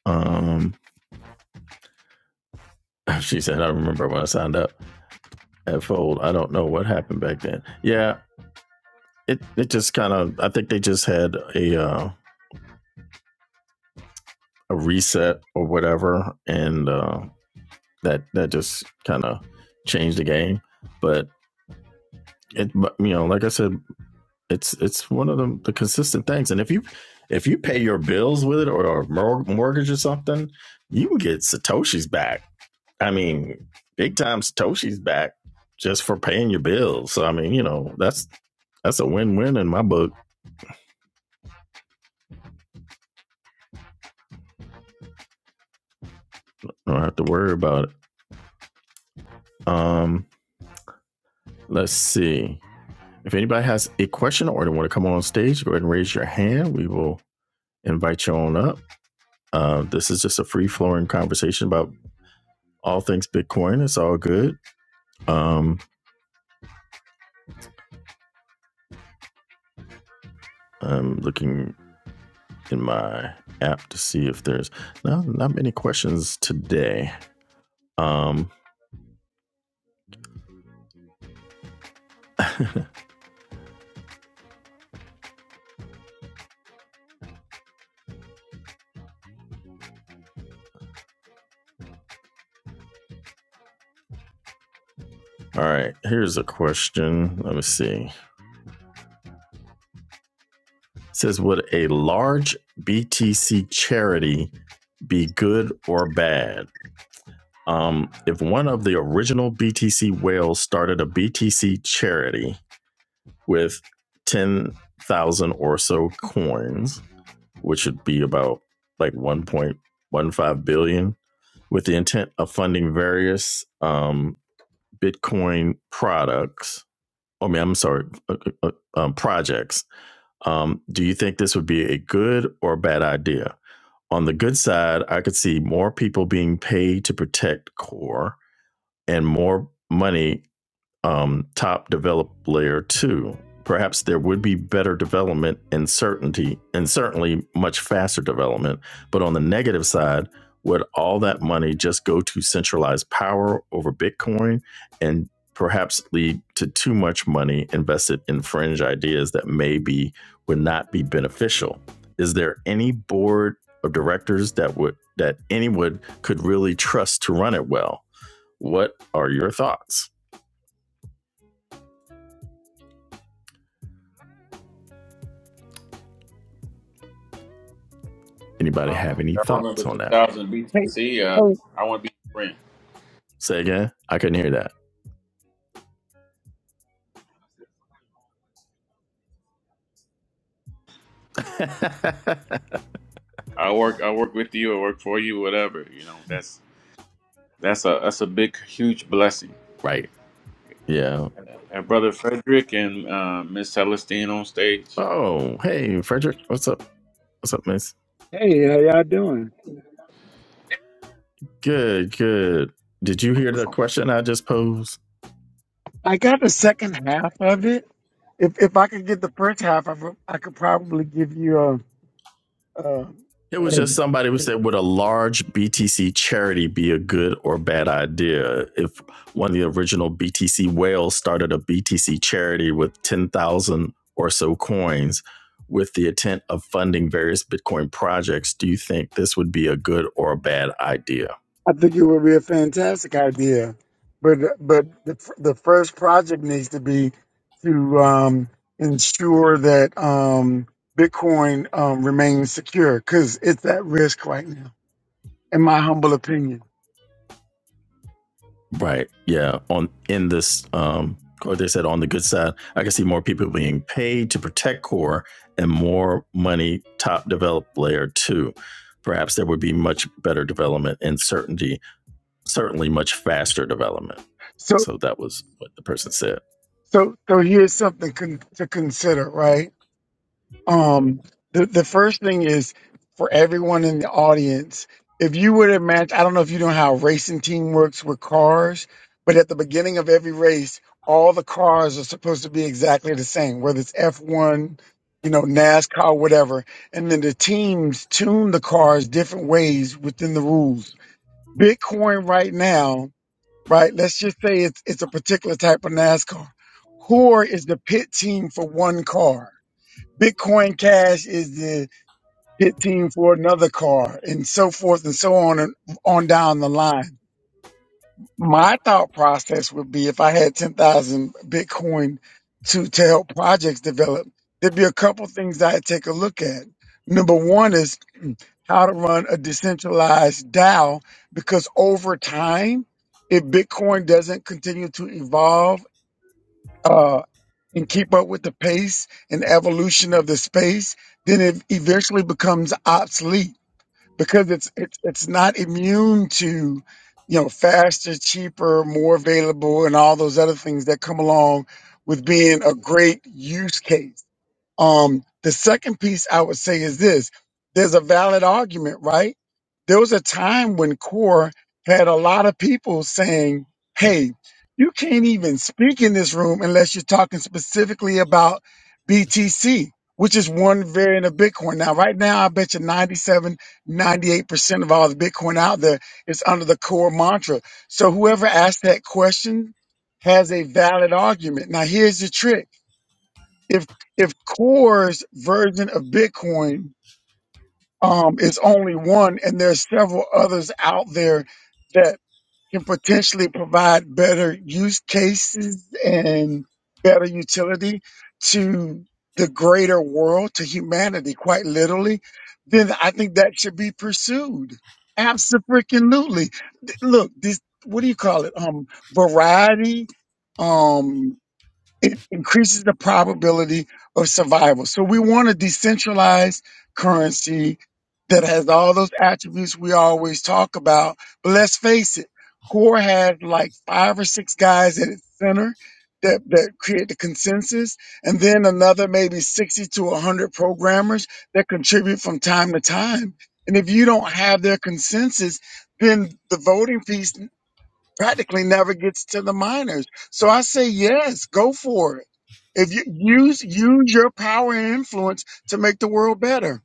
[SPEAKER 1] um, She said, I remember when I signed up at Fold. I don't know what happened back then. Yeah, it, it just kind of, I think they just had a uh, a reset or whatever. And uh, that, that just kind of changed the game. But it, you know, like I said, it's it's one of the, the consistent things. And if you if you pay your bills with it or, or mortgage or something, you can get Satoshi's back. I mean, big time Satoshi's back just for paying your bills. So I mean, you know, that's that's a win-win in my book. I don't have to worry about it. Um, let's see. If anybody has a question or they want to come on stage, go ahead and raise your hand. We will invite you on up. Uh, this is just a free-flowing conversation about all things Bitcoin. It's all good. Um, I'm looking in my app to see if there's no, not many questions today. Um, all right, here's a question. Let me see. It says, would a large BTC charity be good or bad. Um, if one of the original BTC whales started a BTC charity with 10,000 or so coins, which would be about like 1.15 billion, with the intent of funding various um, Bitcoin products, I mean, I'm sorry, uh, uh, uh, um, projects, um, do you think this would be a good or bad idea? On the good side, I could see more people being paid to protect core and more money um, top develop layer two. Perhaps there would be better development and certainty, and certainly much faster development. But on the negative side, would all that money just go to centralized power over Bitcoin and perhaps lead to too much money invested in fringe ideas that maybe would not be beneficial? Is there any board of directors that would that anyone could really trust to run it well? What are your thoughts? Anybody
[SPEAKER 2] Well,
[SPEAKER 1] have
[SPEAKER 2] if
[SPEAKER 1] any
[SPEAKER 2] I remember
[SPEAKER 1] thoughts on
[SPEAKER 2] ten
[SPEAKER 1] that?
[SPEAKER 2] thousand
[SPEAKER 4] Hey,
[SPEAKER 2] BTC, uh,
[SPEAKER 4] hey,
[SPEAKER 2] I want to be your friend.
[SPEAKER 1] Say again? I couldn't hear that.
[SPEAKER 2] I work I work with you. I work for you. Whatever you know. That's that's a that's a big huge blessing.
[SPEAKER 1] right. Yeah.
[SPEAKER 2] And brother Frederick and uh, Miss Celestine on stage.
[SPEAKER 1] Oh, hey, Frederick. What's up? What's up, miss?
[SPEAKER 4] hey, how y'all doing?
[SPEAKER 1] Good, good. Did you hear the
[SPEAKER 2] Wonderful.
[SPEAKER 1] question I just posed?
[SPEAKER 4] I got the second half of it. If if I could get the first half of it, I could probably give you a. a
[SPEAKER 1] It was
[SPEAKER 4] a-
[SPEAKER 1] just somebody who said, would a large BTC charity be a good or bad idea? If one of the original BTC whales started a BTC charity with 10,000 or so coins with the intent of funding various Bitcoin projects, do you think this would be a good or a bad idea?
[SPEAKER 4] I think it would be a fantastic idea, but but the f- the first project needs to be to um, ensure that um, Bitcoin um, remains secure because it's at risk right now, in my humble opinion.
[SPEAKER 1] Right. Yeah. On in this, um, or they said on the good side, I can see more people being paid to protect core and more money top develop layer two. Perhaps there would be much better development and certainty, certainly much faster development.
[SPEAKER 4] So
[SPEAKER 1] So that was what the person said.
[SPEAKER 4] so so here's something con- to consider, right? Um, the, the first thing is for everyone in the audience, if you were to match, I don't know if you know how a racing team works with cars, but at the beginning of every race, all the cars are supposed to be exactly the same, whether it's F1, you know, NASCAR, whatever. And then the teams tune the cars different ways within the rules. Bitcoin right now, right? Let's just say it's, it's a particular type of NASCAR. Core is the pit team for one car Bitcoin Cash is the hit team for another car and so forth and so on and on down the line. My thought process would be if I had 10,000 Bitcoin to, to help projects develop, there'd be a couple things I'd take a look at. Number one is how to run a decentralized DAO because over time, if Bitcoin doesn't continue to evolve uh, and keep up with the pace and evolution of the space, then it eventually becomes obsolete because it's it's it's not immune to you know faster, cheaper, more available, and all those other things that come along with being a great use case. Um, the second piece I would say is this there's a valid argument, right? There was a time when CORE had a lot of people saying, hey, you can't even speak in this room unless you're talking specifically about BTC, which is one variant of Bitcoin. Now, right now, I bet you 97, 98% of all the Bitcoin out there is under the CORE mantra. So whoever asked that question has a valid argument. Now, here's the trick if if Core's version of Bitcoin um, is only one, and there's several others out there that can potentially provide better use cases and better utility to the greater world, to humanity, quite literally, then I think that should be pursued. Absolutely. Look, this what do you call it? Um, variety. Um, it increases the probability of survival. So we want a decentralized currency that has all those attributes we always talk about. But let's face it, Core has like five or six guys at its center that, that create the consensus, and then another maybe 60 to 100 programmers that contribute from time to time. And if you don't have their consensus, then the voting piece practically never gets to the minors. So I say yes, go for it. If you use use your power and influence to make the world better.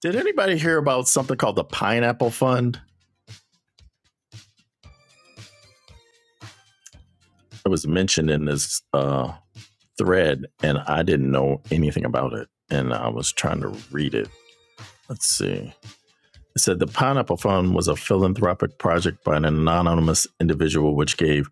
[SPEAKER 1] Did anybody hear about something called the Pineapple Fund? It was mentioned in this uh, thread, and I didn't know anything about it. And I was trying to read it. Let's see. It said the Pineapple Fund was a philanthropic project by an anonymous individual which gave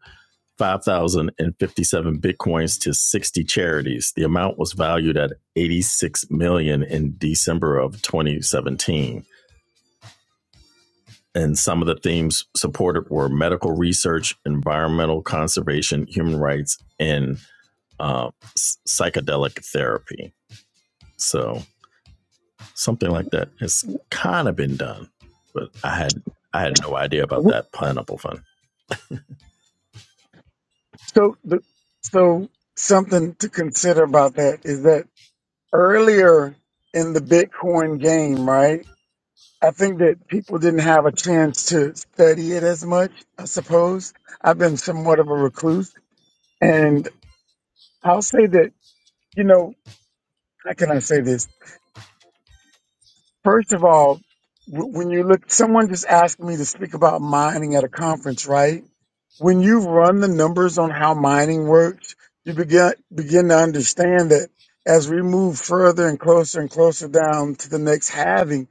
[SPEAKER 1] 5,057 bitcoins to 60 charities. The amount was valued at 86 million in December of 2017. And some of the themes supported were medical research, environmental conservation, human rights, and uh, psychedelic therapy. So something like that has kind of been done, but I had I had no idea about
[SPEAKER 4] W-
[SPEAKER 1] that pineapple fund.
[SPEAKER 4] So the, so something to consider about that is that earlier in the Bitcoin game, right? I think that people didn't have a chance to study it as much, I suppose. I've been somewhat of a recluse and I'll say that, you know, how can I say this? First of all, w- when you look, someone just asked me to speak about mining at a conference, right? When you run the numbers on how mining works, you begin begin to understand that as we move further and closer and closer down to the next halving,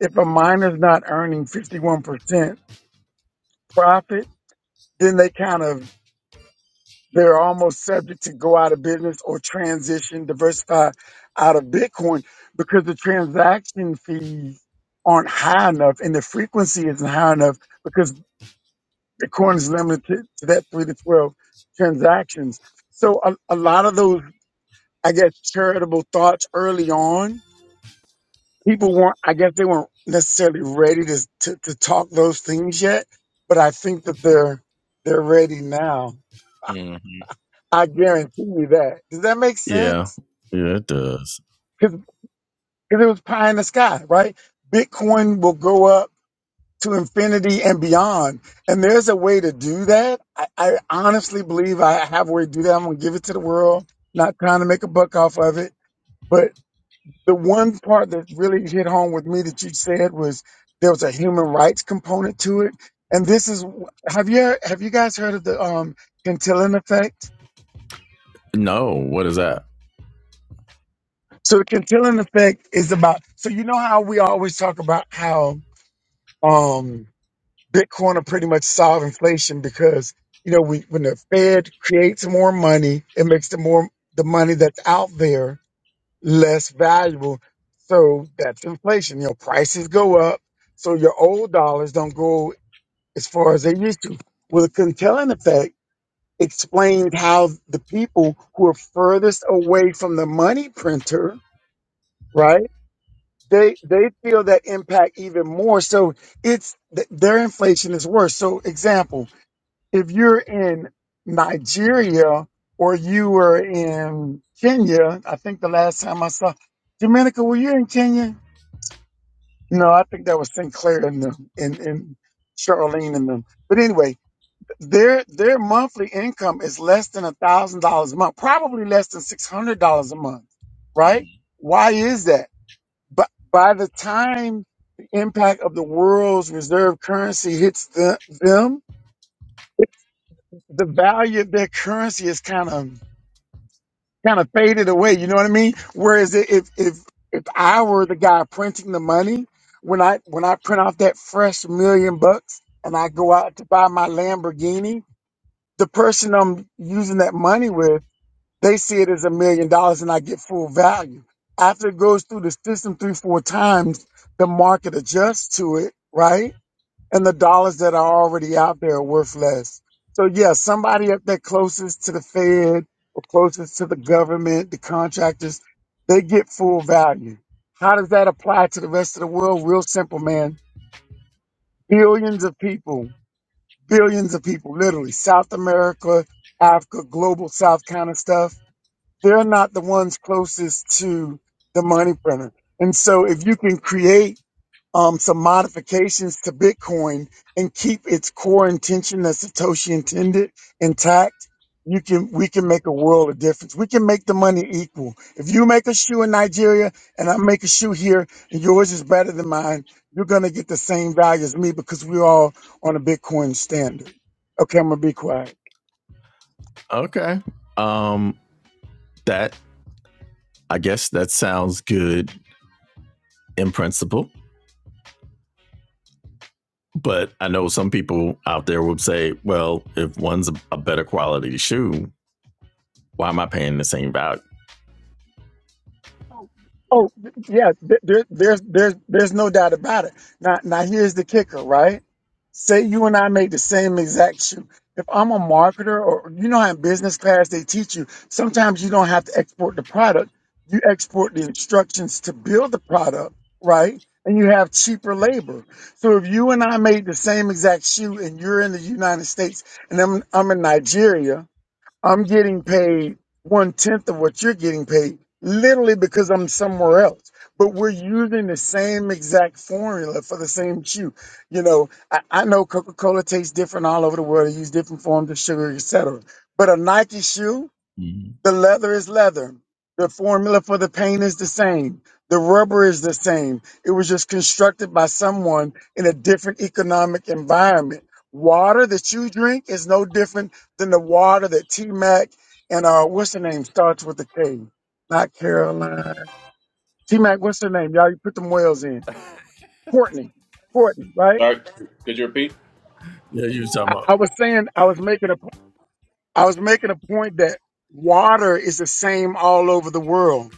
[SPEAKER 4] if a miner's not earning 51% profit, then they kind of they're almost subject to go out of business or transition, diversify out of Bitcoin because the transaction fees aren't high enough and the frequency isn't high enough because Bitcoin is limited to that three to 12 transactions. So a, a lot of those, I guess, charitable thoughts early on, people weren't, I guess they weren't necessarily ready to, to, to talk those things yet, but I think that they're, they're ready now.
[SPEAKER 1] hmm
[SPEAKER 4] I guarantee you that. Does that make sense?
[SPEAKER 1] Yeah, yeah, it does.
[SPEAKER 4] because it was pie in the sky, right? Bitcoin will go up to infinity and beyond. And there's a way to do that. I, I honestly believe I have a way to do that. I'm going to give it to the world, not trying to make a buck off of it. But the one part that really hit home with me that you said was there was a human rights component to it. And this is, have you, have you guys heard of the, um, Cantillon effect?
[SPEAKER 1] No, what is that?
[SPEAKER 4] So the Cantillon effect is about, so you know how we always talk about how, um, Bitcoin will pretty much solve inflation because you know we, when the Fed creates more money, it makes the more the money that's out there less valuable. So that's inflation. You know, prices go up, so your old dollars don't go as far as they used to. Well, the Kunkelin effect explains how the people who are furthest away from the money printer, right? They they feel that impact even more. So it's th- their inflation is worse. So example if you're in Nigeria or you were in Kenya, I think the last time I saw Dominica, were you in Kenya? No, I think that was Sinclair and them and, and Charlene and them. But anyway, their their monthly income is less than a thousand dollars a month, probably less than six hundred dollars a month, right? Why is that? But by the time the impact of the world's reserve currency hits the, them, the value of their currency is kind of kind of faded away. You know what I mean? Whereas i- if if if I were the guy printing the money, when I when I print off that fresh million bucks and I go out to buy my Lamborghini, the person I'm using that money with, they see it as a million dollars and I get full value. After it goes through the system three, four times, the market adjusts to it, right? and the dollars that are already out there are worth less. So yeah, somebody up there closest to the Fed or closest to the government, the contractors, they get full value. How does that apply to the rest of the world? Real simple, man. Billions of people, billions of people, literally South America, Africa, global South kind of stuff. They're not the ones closest to the money printer. And so if you can create um, some modifications to Bitcoin and keep its core intention that Satoshi intended intact, you can we can make a world of difference. We can make the money equal. If you make a shoe in Nigeria and I make a shoe here and yours is better than mine, you're gonna get the same value as me because we're all on a Bitcoin standard. Okay, I'm gonna be quiet.
[SPEAKER 1] Okay. Um, that I guess that sounds good in principle, but I know some people out there would say, well, if one's a, better quality shoe, why am I paying the same value?
[SPEAKER 4] Oh th- yeah, th- there, there's there's there's no doubt about it. Now now here's the kicker, right? Say you and I make the same exact shoe. If I'm a marketer, or you know how in business class they teach you, sometimes you don't have to export the product. You export the instructions to build the product, right? And you have cheaper labor. So if you and I made the same exact shoe, and you're in the United States, and I'm I'm in Nigeria, I'm getting paid one tenth of what you're getting paid, literally because I'm somewhere else. But we're using the same exact formula for the same chew. You know, I, I know Coca Cola tastes different all over the world. They use different forms of sugar, etc. But a Nike shoe the leather is leather. The formula for the paint is the same. The rubber is the same. It was just constructed by someone in a different economic environment. Water that you drink is no different than the water that T Mac and uh what's her name starts with a K. Not Caroline. T Mac, what's her name? Y'all you put them whales in. Courtney. Courtney, right?
[SPEAKER 2] Sorry, could you repeat?
[SPEAKER 1] Yeah, you was talking
[SPEAKER 4] I,
[SPEAKER 1] about.
[SPEAKER 4] I was saying I was making a I was making a point that water is the same all over the world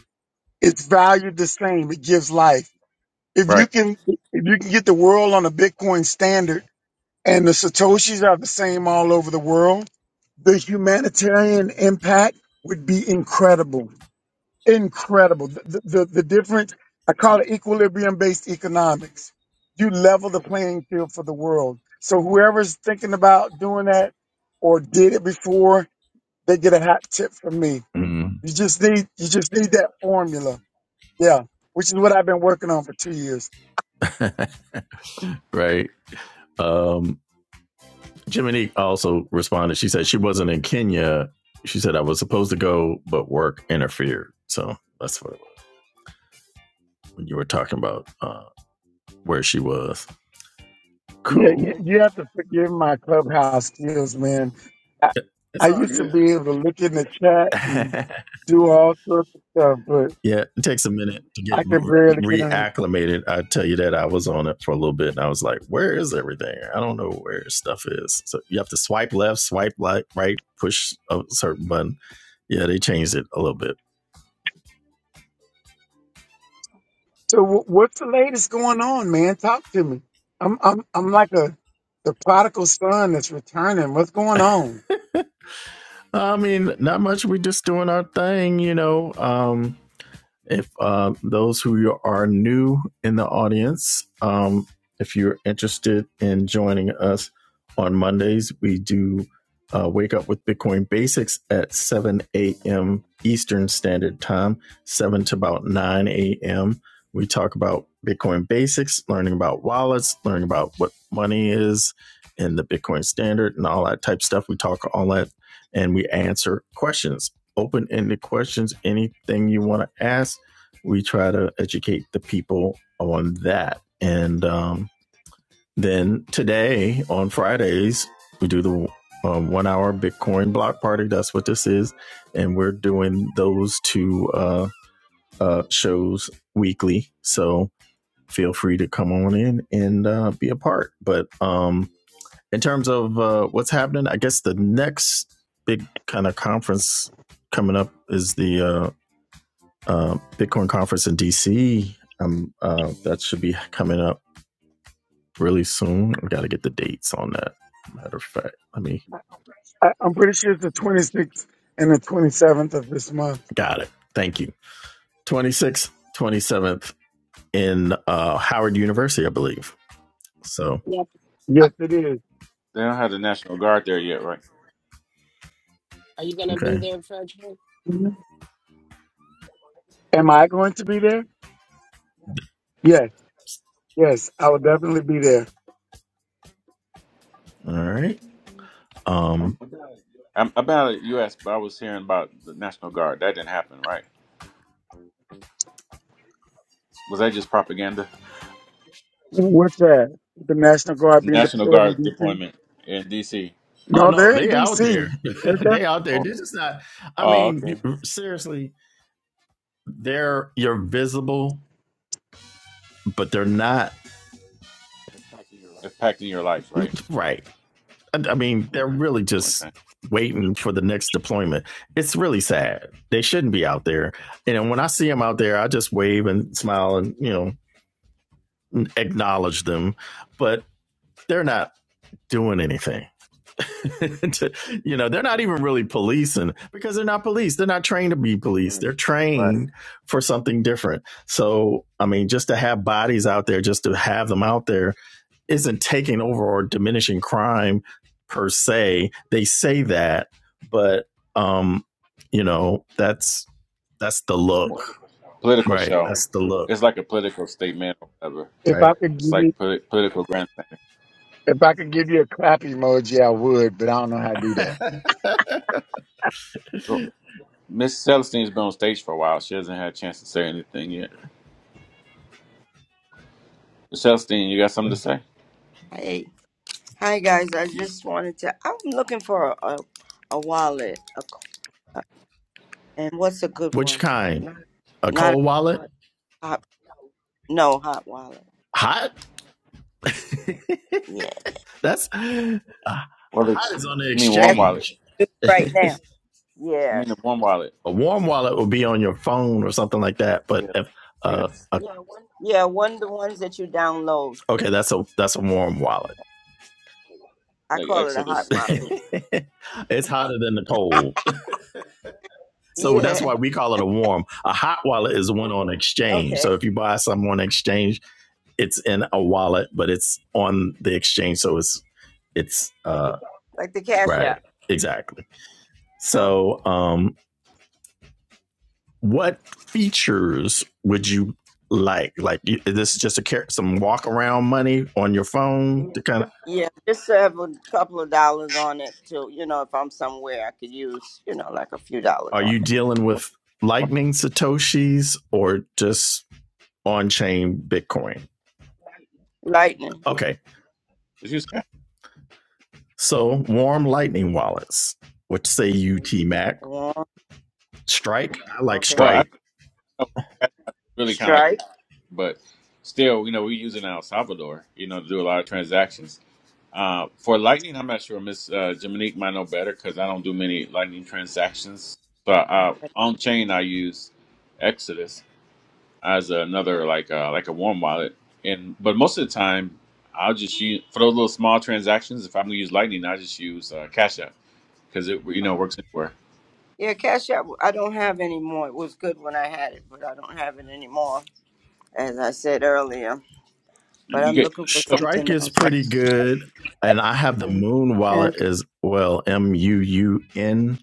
[SPEAKER 4] It's valued the same. It gives life. If you
[SPEAKER 2] Right.
[SPEAKER 4] can, if you can get the world on a Bitcoin standard and the Satoshis are the same all over the world, the humanitarian impact would be incredible. Incredible. The, the, the difference, I call it equilibrium based economics. You level the playing field for the world. So whoever's thinking about doing that or did it before, they get a hat tip from me.
[SPEAKER 1] Mm-hmm.
[SPEAKER 4] You just need, you just need that formula yeah, which is what I've been working on for two years.
[SPEAKER 1] right. Um, Jiminy also responded. She said she wasn't in Kenya. She said I was supposed to go, but work interfered. So that's what it was when you were talking about uh, where she was.
[SPEAKER 4] Yeah, you,
[SPEAKER 1] Cool.
[SPEAKER 4] you have to forgive my clubhouse skills, man. I, I
[SPEAKER 1] It's all
[SPEAKER 4] used to be able to look in the chat and
[SPEAKER 1] good.
[SPEAKER 4] do all sorts of stuff, but
[SPEAKER 1] Yeah, it takes a minute to get
[SPEAKER 4] I can barely get
[SPEAKER 1] re-
[SPEAKER 4] on.
[SPEAKER 1] reacclimated. I tell you that I was on it for a little bit and I was like, where is everything? I don't know where stuff is. So you have to swipe left, swipe right, right, push a certain button. Yeah, they changed it a little bit.
[SPEAKER 4] So, w- what's the latest going on, man? Talk to me. I'm I'm I'm like a the prodigal son that's returning. What's going on?
[SPEAKER 1] I mean, not much. We're just doing our thing, you know. Um, If uh, those who are new in the audience, um, if you're interested in joining us on Mondays, we do uh, wake up with Bitcoin Basics at 7 a.m. Eastern Standard Time, 7 to about 9 a.m. We talk about Bitcoin basics, learning about wallets, learning about what money is and the Bitcoin standard and all that type stuff. We talk all that and we answer questions, open ended questions, anything you want to ask we try to educate the people on that. And um, then today on Fridays, we do the um, one hour Bitcoin block party. That's what this is. And we're doing those two uh, uh, shows weekly. So feel free to come on in and uh, be a part. But um, in terms of uh, what's happening, I guess the next big kind of conference coming up is the uh, uh, Bitcoin conference in DC. Um, uh, that should be coming up really soon. I got to get the dates on that. Matter of fact, let me
[SPEAKER 4] I, I'm pretty sure it's the 26th and the 27th of this month.
[SPEAKER 1] got it. Thank you. 26th, 27th in uh, Howard University, I believe. So
[SPEAKER 3] Yep. Uh,
[SPEAKER 4] Yes, it is.
[SPEAKER 2] They don't have the National Guard there yet, right?
[SPEAKER 3] Are you gonna be
[SPEAKER 1] okay,
[SPEAKER 3] there, Frederick?
[SPEAKER 4] Mhm. Am I going to be there? Yes, yes, I will definitely be there.
[SPEAKER 1] all right. Um,
[SPEAKER 2] Um about the U.S., but I was hearing about the National Guard. That didn't happen, right? Was that just propaganda?
[SPEAKER 4] What's that? The National Guard being
[SPEAKER 2] National
[SPEAKER 4] deployed in
[SPEAKER 2] Guard
[SPEAKER 4] D.C.
[SPEAKER 2] deployment in D.C.
[SPEAKER 1] oh
[SPEAKER 4] No,
[SPEAKER 1] no,
[SPEAKER 4] they're in
[SPEAKER 1] they out
[SPEAKER 4] D.C.
[SPEAKER 1] there.
[SPEAKER 4] They're
[SPEAKER 1] they
[SPEAKER 4] just-
[SPEAKER 1] out there.
[SPEAKER 2] Oh,
[SPEAKER 1] This is not. I
[SPEAKER 2] oh
[SPEAKER 1] mean,
[SPEAKER 2] okay.
[SPEAKER 1] seriously, they're you're visible, but they're not
[SPEAKER 2] Impacting your life, right?
[SPEAKER 1] right. I mean, they're really just
[SPEAKER 2] Okay.
[SPEAKER 1] waiting for the next deployment. It's really sad. They shouldn't be out there. And then when I see them out there, I just wave and smile and, you know, acknowledge them. But they're not doing anything. To- you know, they're not
[SPEAKER 2] Yeah.
[SPEAKER 1] even really policing because they're not police. They're not trained to be police. They're
[SPEAKER 2] Right.
[SPEAKER 1] trained for something different. So, I mean, just to have bodies out there, just to have them out there isn't taking over or diminishing crime per se. They say that, but um, you know, that's that's the
[SPEAKER 2] It's more
[SPEAKER 1] look,
[SPEAKER 2] political
[SPEAKER 1] right?
[SPEAKER 2] show.
[SPEAKER 1] That's the look,
[SPEAKER 2] It's like a political statement or whatever.
[SPEAKER 4] If
[SPEAKER 1] right?
[SPEAKER 4] I could
[SPEAKER 2] It's
[SPEAKER 4] give you,
[SPEAKER 2] like polit- political grandstanding.
[SPEAKER 4] if I could give you a clap emoji, I would, but I don't know how to do that.
[SPEAKER 2] Cool. Miss Celestine's been on stage for a while. She hasn't had a chance to say anything yet. Miss Celestine, you got something to say?
[SPEAKER 5] Hey, hi guys. I just wanted to. I'm looking for a a wallet, a, co- and what's a good
[SPEAKER 1] Which
[SPEAKER 5] one?
[SPEAKER 1] kind? A
[SPEAKER 5] Not
[SPEAKER 1] cold wallet?
[SPEAKER 5] a hot, no hot wallet.
[SPEAKER 1] Hot?
[SPEAKER 5] Yeah,
[SPEAKER 1] that's uh,
[SPEAKER 2] Well,
[SPEAKER 1] hot
[SPEAKER 2] it's,
[SPEAKER 1] is on the
[SPEAKER 2] I mean, warm
[SPEAKER 5] that's
[SPEAKER 2] wallet.
[SPEAKER 1] exchange.
[SPEAKER 5] right now.
[SPEAKER 2] You
[SPEAKER 5] Yeah,
[SPEAKER 2] mean, the warm wallet.
[SPEAKER 1] A warm wallet will be on your phone or something like that. But if uh,
[SPEAKER 2] Yes.
[SPEAKER 1] a,
[SPEAKER 5] yeah. One of the ones that you download.
[SPEAKER 1] okay, that's a that's a warm wallet.
[SPEAKER 5] I
[SPEAKER 2] Like
[SPEAKER 5] call it a hot
[SPEAKER 2] Exodus or
[SPEAKER 5] wallet.
[SPEAKER 2] something.
[SPEAKER 1] it's hotter than the cold So that's
[SPEAKER 5] Yeah.
[SPEAKER 1] why we call it a warm. A hot wallet is one on exchange.
[SPEAKER 5] Okay.
[SPEAKER 1] So if you buy something on exchange, it's in a wallet, but it's on the exchange. So it's it's uh
[SPEAKER 5] Like the Cash
[SPEAKER 1] right.
[SPEAKER 5] App.
[SPEAKER 1] Exactly.
[SPEAKER 5] Oh,
[SPEAKER 1] So um what features would you like? Like you, this is just a some walk around money on your phone to kind of
[SPEAKER 5] yeah. Just to have a couple of dollars on it to, You know, if I'm somewhere, I could use you know like a few dollars
[SPEAKER 1] are
[SPEAKER 5] on
[SPEAKER 1] you dealing with
[SPEAKER 2] What?
[SPEAKER 1] lightning satoshis or just on chain bitcoin?
[SPEAKER 5] it. Lightning.
[SPEAKER 1] Okay.
[SPEAKER 2] Did you say?
[SPEAKER 1] So warm lightning wallets, which say UT Mac.
[SPEAKER 5] Yeah.
[SPEAKER 1] Strike, I like
[SPEAKER 2] Well,
[SPEAKER 5] Okay.
[SPEAKER 2] I
[SPEAKER 1] Strike.
[SPEAKER 2] don't know that's really kind of like,
[SPEAKER 5] Strike.
[SPEAKER 2] but still, you know, we use it in El Salvador, you know, to do a lot of transactions. Uh, for Lightning, I'm not sure. Miss uh, Jiminique might know better because I don't do many Lightning transactions. So
[SPEAKER 5] I
[SPEAKER 2] uh, on chain, I use Exodus as another like uh, like a warm wallet, and but most of the time, I'll just use for those little small transactions. If I'm gonna use Lightning, I just use uh, Cash App because it you
[SPEAKER 5] had.
[SPEAKER 2] know works anywhere.
[SPEAKER 5] Yeah, Cash App, I don't have any more. It was good when I had it, but I don't have it anymore, as I said earlier. But
[SPEAKER 2] You
[SPEAKER 5] I'm
[SPEAKER 2] get
[SPEAKER 5] looking for
[SPEAKER 1] Strike
[SPEAKER 5] something
[SPEAKER 1] is
[SPEAKER 5] else.
[SPEAKER 1] pretty good. And I have the Moon wallet
[SPEAKER 5] Okay.
[SPEAKER 1] as well, M U U N.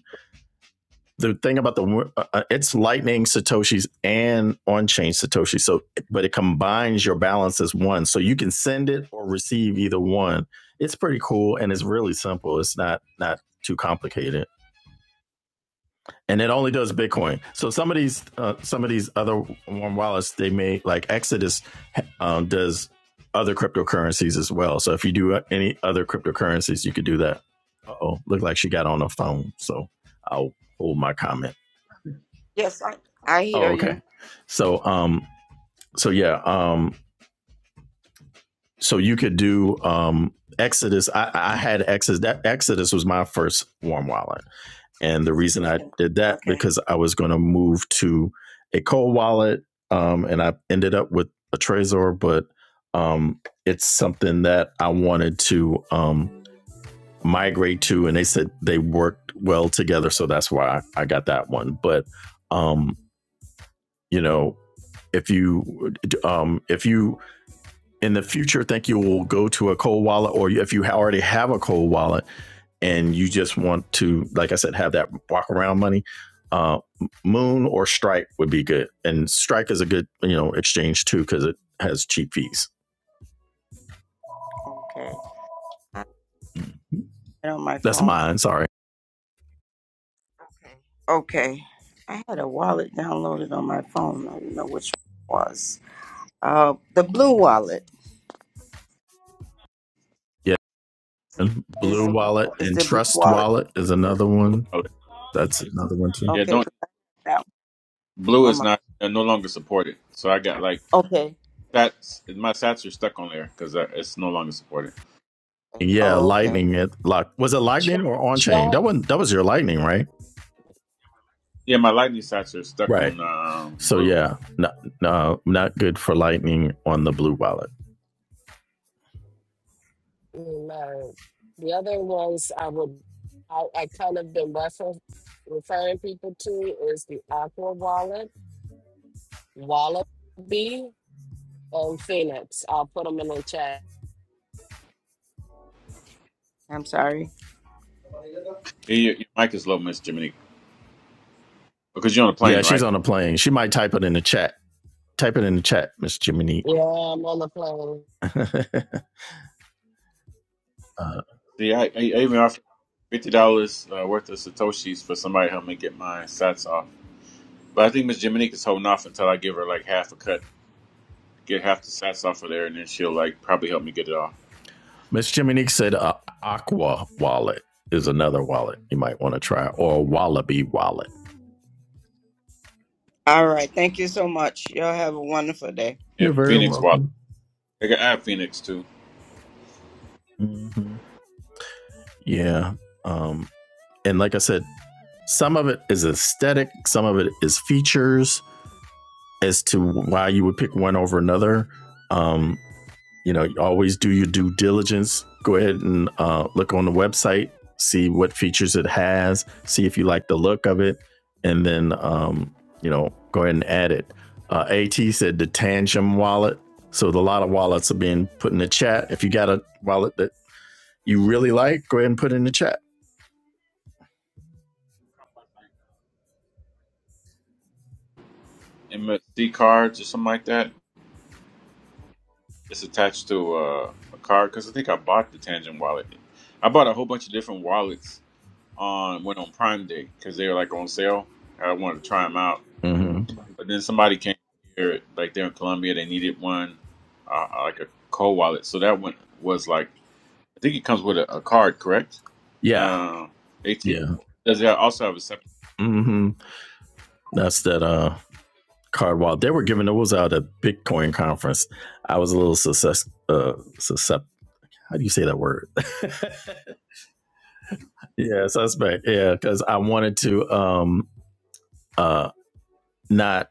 [SPEAKER 1] The thing about the uh, uh, it's Lightning Satoshis and on chain Satoshi. So, but it combines your balance as one, so you can send it or receive either one. It's pretty cool and it's really simple. It's not not too complicated. and it only does Bitcoin. So some of these uh, some of these other warm wallets they may like Exodus um, does other cryptocurrencies as well. So if you do any other cryptocurrencies, you could do that. Oh, look like she got on a phone, so I'll hold my comment.
[SPEAKER 5] Yes, I, I
[SPEAKER 1] Oh,
[SPEAKER 5] hear you.
[SPEAKER 1] okay. So um, so yeah, um, so you could do um Exodus. I, I had Exodus. That Exodus was my first warm wallet. And the reason I did that
[SPEAKER 5] Okay,
[SPEAKER 1] because I was going to move to a cold wallet, um, and I ended up with a Trezor, but um, it's something that I wanted to um, migrate to, and they said they worked well together, so that's why I got that one. But um, you know, if you um, if you in the future think you will go to a cold wallet, or if you already have a cold wallet, and you just want to, like I said, have that walk around money, uh, Moon or Strike would be good. And Strike is a good, you know, exchange too because it has cheap fees.
[SPEAKER 5] okay. I had it on my
[SPEAKER 1] That's
[SPEAKER 5] phone.
[SPEAKER 1] mine. Sorry.
[SPEAKER 5] Okay. I had a wallet downloaded on my phone. I don't know which one it was. Uh, the blue wallet.
[SPEAKER 1] Yeah. And
[SPEAKER 5] Is
[SPEAKER 1] Blue Wallet
[SPEAKER 5] is
[SPEAKER 1] and
[SPEAKER 5] the blue
[SPEAKER 1] Trust
[SPEAKER 5] wallet?
[SPEAKER 1] Wallet is another one. That's another one too.
[SPEAKER 2] yeah, don't.
[SPEAKER 5] Okay, 'cause I had that
[SPEAKER 2] Blue
[SPEAKER 5] one on
[SPEAKER 2] is
[SPEAKER 5] my.
[SPEAKER 2] not uh, no longer supported. So I got like
[SPEAKER 5] Okay.
[SPEAKER 2] sats. My sats are stuck on there because it's no longer supported.
[SPEAKER 1] Yeah,
[SPEAKER 5] Oh, okay.
[SPEAKER 1] Lightning. It like was it Lightning or on chain?
[SPEAKER 3] Try.
[SPEAKER 1] That wasn't. That was your Lightning, right?
[SPEAKER 2] Yeah, my lightning sats are stuck
[SPEAKER 1] Right.
[SPEAKER 2] on um,
[SPEAKER 1] So
[SPEAKER 2] blue.
[SPEAKER 1] yeah, no, no, not good for Lightning on the Blue Wallet.
[SPEAKER 3] No. The other ones I would. I, I kind of been refer, referring people to is the Aqua Wallet, Wallaby, and Phoenix. I'll put them in the chat.
[SPEAKER 5] I'm sorry.
[SPEAKER 2] Hey, Your, your mic is low, Miss Jiminy, because you're on a
[SPEAKER 1] Yeah,
[SPEAKER 2] plane,
[SPEAKER 1] she's
[SPEAKER 2] right?
[SPEAKER 1] on a plane. She might type it in the chat. Type it in the chat, Miss Jiminy.
[SPEAKER 3] Yeah, I'm on the plane.
[SPEAKER 1] Uh,
[SPEAKER 2] See, I, I, I even offered fifty dollars uh, worth of satoshis for somebody to help me get my sats off. But I think Miss Jiminy is holding off until I give her like half a cut, get half the sats off of there, and then she'll like probably help me get it off.
[SPEAKER 1] Miss Jiminique said uh, Aqua Wallet is another wallet you might want to try, or Wallaby Wallet.
[SPEAKER 5] All right. Thank you so much. Y'all have a wonderful day.
[SPEAKER 1] You're
[SPEAKER 2] And
[SPEAKER 1] very
[SPEAKER 2] Phoenix wallet,
[SPEAKER 1] welcome.
[SPEAKER 2] I got I have Phoenix too.
[SPEAKER 1] hmm Yeah. Um, and like I said, some of it is aesthetic, some of it is features as to why you would pick one over another. Um, you know, you always do your due diligence. Go ahead and uh, look on the website, see what features it has, see if you like the look of it, and then, um, you know, go ahead and add it. Uh, AT said the Tangem wallet. So, the, a lot of wallets are being put in the chat. If you got a wallet that you really like, go ahead and put it in the chat.
[SPEAKER 2] MSC cards or something like that. It's attached to uh, a card because I think I bought the Tangent wallet. I bought a whole bunch of different wallets on went on Prime Day because they were like on sale. I wanted to try them out,
[SPEAKER 1] hmm
[SPEAKER 2] but then somebody came here, like they're in Colombia, they needed one, uh, like a co wallet. So that one was like I think it comes with a, a card, correct?
[SPEAKER 1] Yeah.
[SPEAKER 2] Uh, At
[SPEAKER 1] Yeah.
[SPEAKER 2] does it also have a separate?
[SPEAKER 1] hmm That's that uh, card wallet. They were giving those out at Bitcoin conference. I was a little success, uh, suscept. How do you say that word? Yeah, suspect. Yeah, because I wanted to um uh not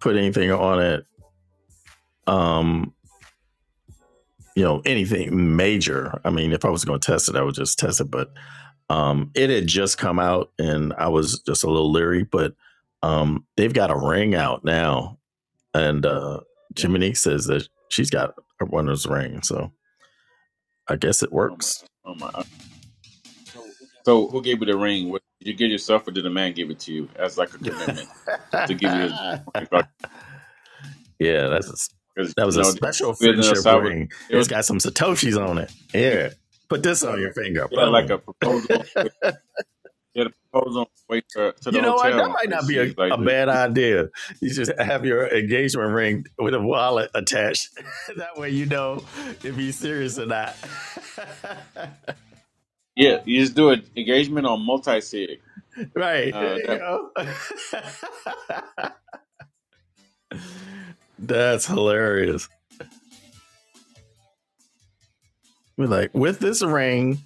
[SPEAKER 1] put anything on it. Um, you know, anything major. I mean, if I was going to test it, I would just test it. But um, it had just come out, and I was just a little leery. But um, they've got a ring out now, and uh,
[SPEAKER 2] Yes.
[SPEAKER 1] Jiminique says that she's got one of those rings, so I guess it Oh works.
[SPEAKER 2] Oh my. uh, So who gave you the ring? Was- Did you give yourself, or did a man give it to you as like a commitment to give you his?
[SPEAKER 1] Yeah, that's a,
[SPEAKER 2] because
[SPEAKER 1] that
[SPEAKER 2] you
[SPEAKER 1] was a
[SPEAKER 2] know they
[SPEAKER 1] special
[SPEAKER 2] was in El
[SPEAKER 1] friendship
[SPEAKER 2] Salvador.
[SPEAKER 1] ring.
[SPEAKER 2] They
[SPEAKER 1] It's
[SPEAKER 2] was
[SPEAKER 1] got some satoshis on it. Here, put this on your finger.
[SPEAKER 2] yeah, like a
[SPEAKER 1] Boom.
[SPEAKER 2] proposal. on the way- They had a proposal on the way to, to the
[SPEAKER 1] You know what? That
[SPEAKER 2] hotel
[SPEAKER 1] might not
[SPEAKER 2] because
[SPEAKER 1] be a,
[SPEAKER 2] she's like,
[SPEAKER 1] a
[SPEAKER 2] the,
[SPEAKER 1] bad idea. You just have your engagement ring with a wallet attached. that way you know if he's serious or not.
[SPEAKER 2] yeah, you just do an engagement on multi sig.
[SPEAKER 1] right. There
[SPEAKER 2] Uh,
[SPEAKER 1] you
[SPEAKER 2] that
[SPEAKER 1] go. That's hilarious. We're like, with this ring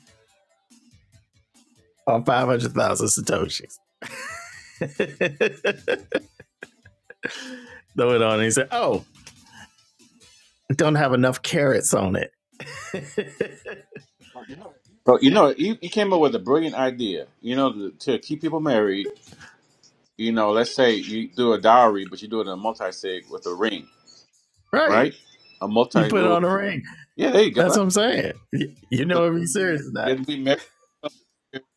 [SPEAKER 1] on 500,000 satoshis. Throw it on. And he said, Oh, don't have enough carrots on it.
[SPEAKER 2] so you know he, he came up with a brilliant idea. You know to, to keep people married. You know, let's say you do a dowry, but you do it in a multi sig with a ring,
[SPEAKER 1] right.
[SPEAKER 2] right? A multi
[SPEAKER 1] You put it
[SPEAKER 2] little
[SPEAKER 1] on a ring.
[SPEAKER 2] yeah, there you
[SPEAKER 1] That's
[SPEAKER 2] go.
[SPEAKER 1] what I'm saying. You,
[SPEAKER 2] So
[SPEAKER 1] know if he's serious or
[SPEAKER 2] you
[SPEAKER 1] not.
[SPEAKER 2] have to be married.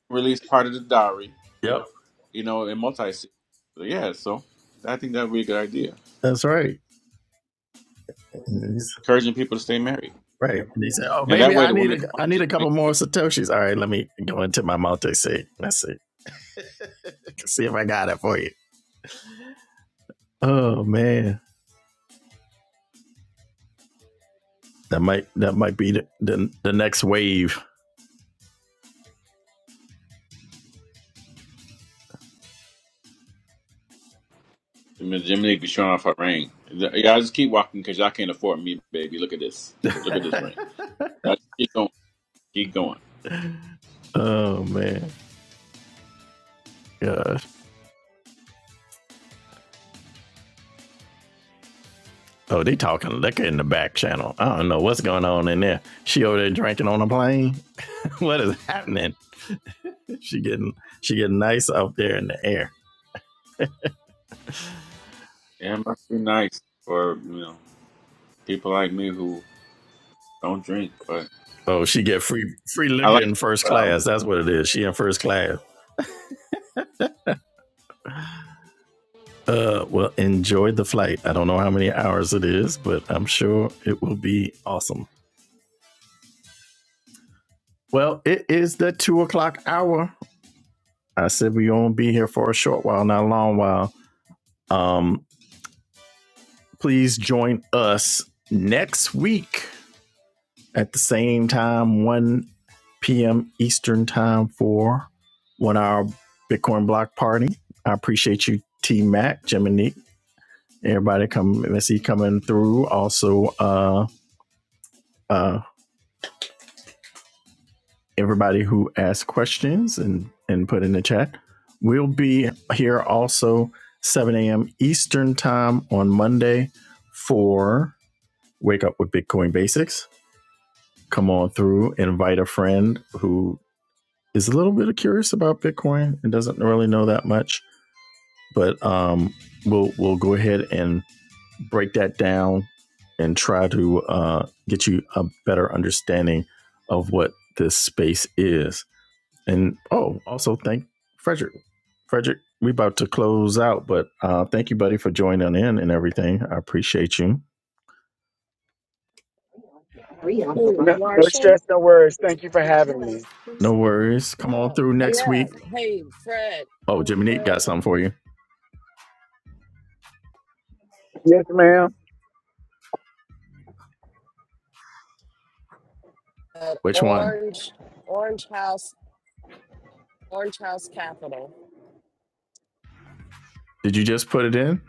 [SPEAKER 2] Release part of the dowry,
[SPEAKER 1] Yep.
[SPEAKER 2] you know, in multi. Yeah, so I think that would be a good idea.
[SPEAKER 1] That's right.
[SPEAKER 2] Encouraging people to stay married,
[SPEAKER 1] right. And he said, "Oh,
[SPEAKER 2] and that
[SPEAKER 1] baby,
[SPEAKER 2] way
[SPEAKER 1] I
[SPEAKER 2] the
[SPEAKER 1] need
[SPEAKER 2] woman can
[SPEAKER 1] a,
[SPEAKER 2] watch
[SPEAKER 1] I need
[SPEAKER 2] it.
[SPEAKER 1] a couple more satoshis. All right, let me go into my multi sig. Let's see, Let's see if I got it for you. Oh man, that might that might be the the, the next wave.
[SPEAKER 2] Make Jimmy be showing off her ring. Yeah, I just keep walking because y'all can't afford me, baby. Look at this. Look at this ring. Y'all just keep going. Keep going.
[SPEAKER 1] oh man." Gosh. Oh, they talking liquor in the back channel. I don't know what's going on in there. She over there drinking on a plane. what is happening? She getting she getting nice up there in the air.
[SPEAKER 2] Yeah, it must be nice for you know people like me who don't drink, but
[SPEAKER 1] Oh, she get free free
[SPEAKER 2] I
[SPEAKER 1] liquor
[SPEAKER 2] like.
[SPEAKER 1] in first
[SPEAKER 2] Um,
[SPEAKER 1] class. That's what it is. She in first class. Uh, well, enjoy the flight. I don't know how many hours it is, but I'm sure it will be awesome. Well, it is the two o'clock hour. I said we gonna be here for a short while, not a long while. Um, please join us next week at the same time, 1 p.m. Eastern time for one hour Bitcoin block party. I appreciate you, T Mac, Jim, and Nick. everybody come let's see coming through. Also, uh, uh, everybody who asked questions and and put in the chat. We'll be here also 7 a.m. Eastern time on Monday for Wake Up with Bitcoin Basics. Come on through, invite a friend who is a little bit curious about Bitcoin and doesn't really know that much, but um, we'll we'll go ahead and break that down and try to uh, get you a better understanding of what this space is. And oh, also thank Frederick. Frederick, we about to close out, but uh, thank you, buddy, for joining in and everything. I appreciate you.
[SPEAKER 3] Hmm,
[SPEAKER 4] No, no
[SPEAKER 3] Marshall.
[SPEAKER 4] stress, no worries. Thank you for having me.
[SPEAKER 1] No worries. Come on through next
[SPEAKER 3] Yeah.
[SPEAKER 1] week.
[SPEAKER 3] Hey, Fred.
[SPEAKER 1] Oh, Jimmy Neat
[SPEAKER 3] Fred.
[SPEAKER 1] got something for you.
[SPEAKER 4] Yes, ma'am.
[SPEAKER 1] Which one?
[SPEAKER 3] orange, orange house, orange house capital.
[SPEAKER 1] Did you just put it in?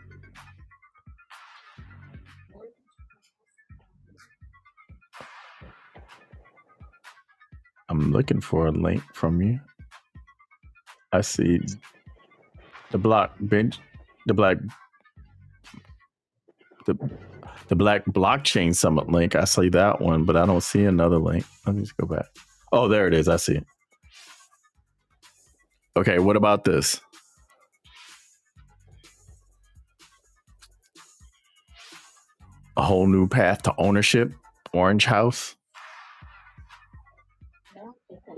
[SPEAKER 1] I'm looking for a link from you. I see the block bench, the black the, the black blockchain summit link. I see that one, but I don't see another link. Let me just go back. Oh, there it is. I see it. Okay, what about this? A whole new path to ownership. Orange House.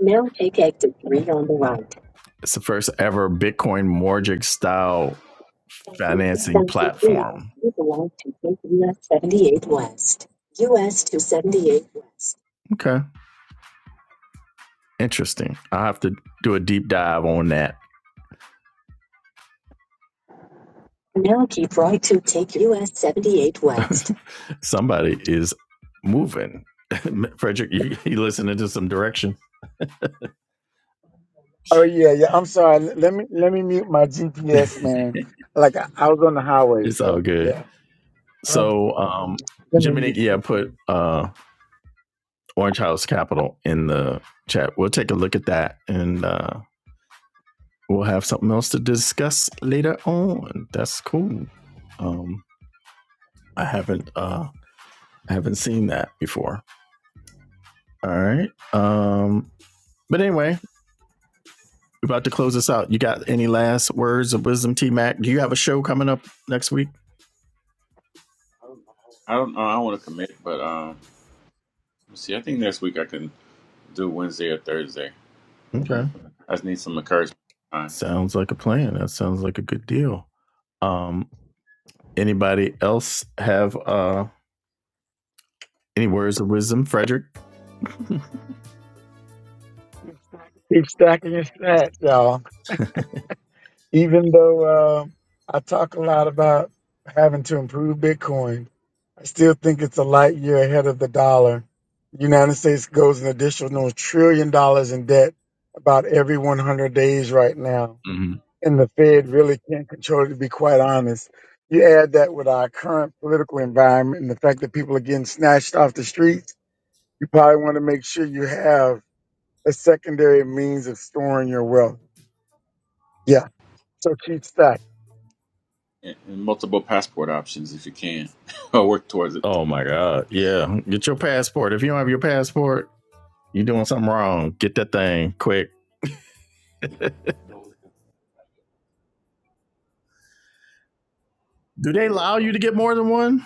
[SPEAKER 4] Now take exit 3 on the right.
[SPEAKER 1] It's the first ever Bitcoin mortgage style financing
[SPEAKER 4] 1,000 feet.
[SPEAKER 1] platform.
[SPEAKER 4] You belong to take US 78 West. US 278 West.
[SPEAKER 1] Okay, interesting. I have to do a deep dive on that.
[SPEAKER 4] Now keep right to take US 78 West.
[SPEAKER 1] Somebody is moving. Frederick, you, you listening to some direction?
[SPEAKER 4] Oh yeah, yeah. I'm sorry. L- Let me let me mute my GPS, man. Like I, I was on the highway,
[SPEAKER 1] It's all
[SPEAKER 4] so
[SPEAKER 1] good.
[SPEAKER 4] yeah.
[SPEAKER 1] So um,
[SPEAKER 4] Let me
[SPEAKER 1] Jimmy Nick,
[SPEAKER 4] mute
[SPEAKER 1] yeah,
[SPEAKER 4] this
[SPEAKER 1] put
[SPEAKER 4] thing.
[SPEAKER 1] uh, Orange House Capital in the chat. We'll take a look at that and uh, we'll have something else to discuss later on. That's cool. Um, I haven't uh, I haven't seen that before. All right. Um, but anyway, we're about to close this out. You got any last words of wisdom, T Mac? Do you have a show coming up next week?
[SPEAKER 2] I don't know. I don't want to commit, but um, let's see. I think next week I can do Wednesday or Thursday.
[SPEAKER 1] Okay.
[SPEAKER 2] I just need some encouragement.
[SPEAKER 1] Sounds like a plan. That sounds like a good deal. Um, anybody else have uh Any words of wisdom, Frederick?
[SPEAKER 4] keep stacking your stats, y'all. Even though uh, I talk a lot about having to improve Bitcoin, I still think it's a light year ahead of the dollar. The United States goes an additional trillion dollars in debt about every 100 days right now and the Fed really can't control it, to be quite honest. You add that with our current political environment and the fact that people are getting snatched off the streets, you probably want to make sure you have a secondary means of storing your wealth. Yeah. So keep stacking.
[SPEAKER 2] and and multiple passport options if you can, or work towards it.
[SPEAKER 1] Oh my God. Yeah. Get your passport. If you don't have your passport, you're doing something wrong. Get that thing quick. Do they allow you to get more than one?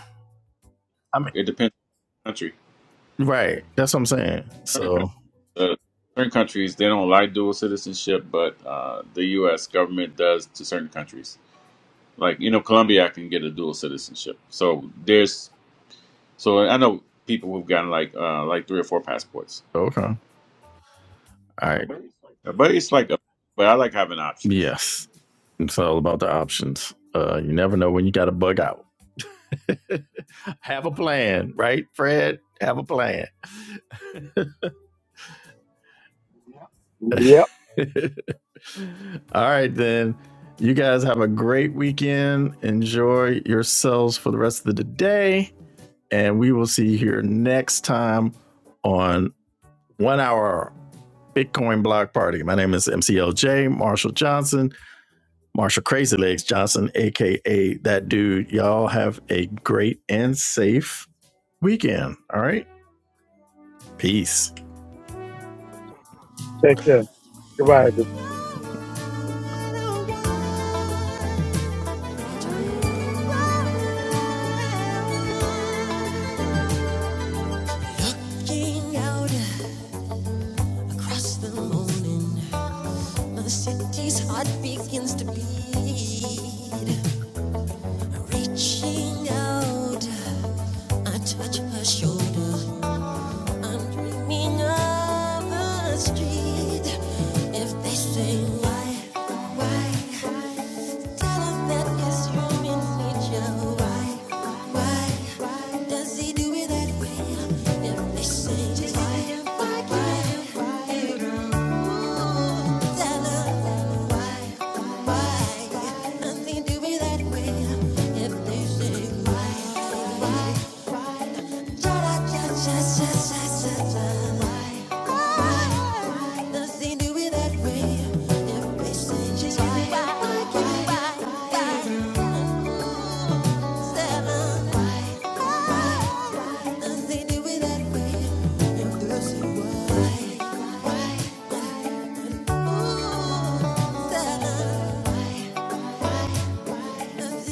[SPEAKER 1] I mean,
[SPEAKER 2] It depends on the country.
[SPEAKER 1] right. That's what I'm saying. So,
[SPEAKER 2] Uh, certain countries they don't like dual citizenship, but uh, the U.S. government does to certain countries. Like you know, Colombia can get a dual citizenship. So there's so I know people who've gotten like uh, like three or four passports,
[SPEAKER 1] okay. All right.
[SPEAKER 2] but it's like a, but I like having options.
[SPEAKER 1] Yes. It's all about the options. Uh, you never know when you got to bug out. have a plan, right, Fred? Have a plan.
[SPEAKER 4] Yep.
[SPEAKER 1] all right, then. You guys have a great weekend. Enjoy yourselves for the rest of the day. And we will see you here next time on One Hour Bitcoin Block Party. My name is MCLJ, Marshall Johnson, Marshall Crazy Legs Johnson, AKA that dude. Y'all have a great and safe weekend. All right. Peace.
[SPEAKER 4] Take care. Goodbye. everybody.
[SPEAKER 1] Looking out across the morning, the city's heart begins to beat. Reaching out, I touch her shoulder. I'm dreaming of a street. If they say why, why, tell 'em that it's human nature. Why, why, does he do it that way? If they say why, why, tell 'em why, why, does he do it that way? If they say why, why. Nothing to it that way. Everything is fine. Seven. Nothing to it that way. And girls say why? Why? Ooh, Seven. Why?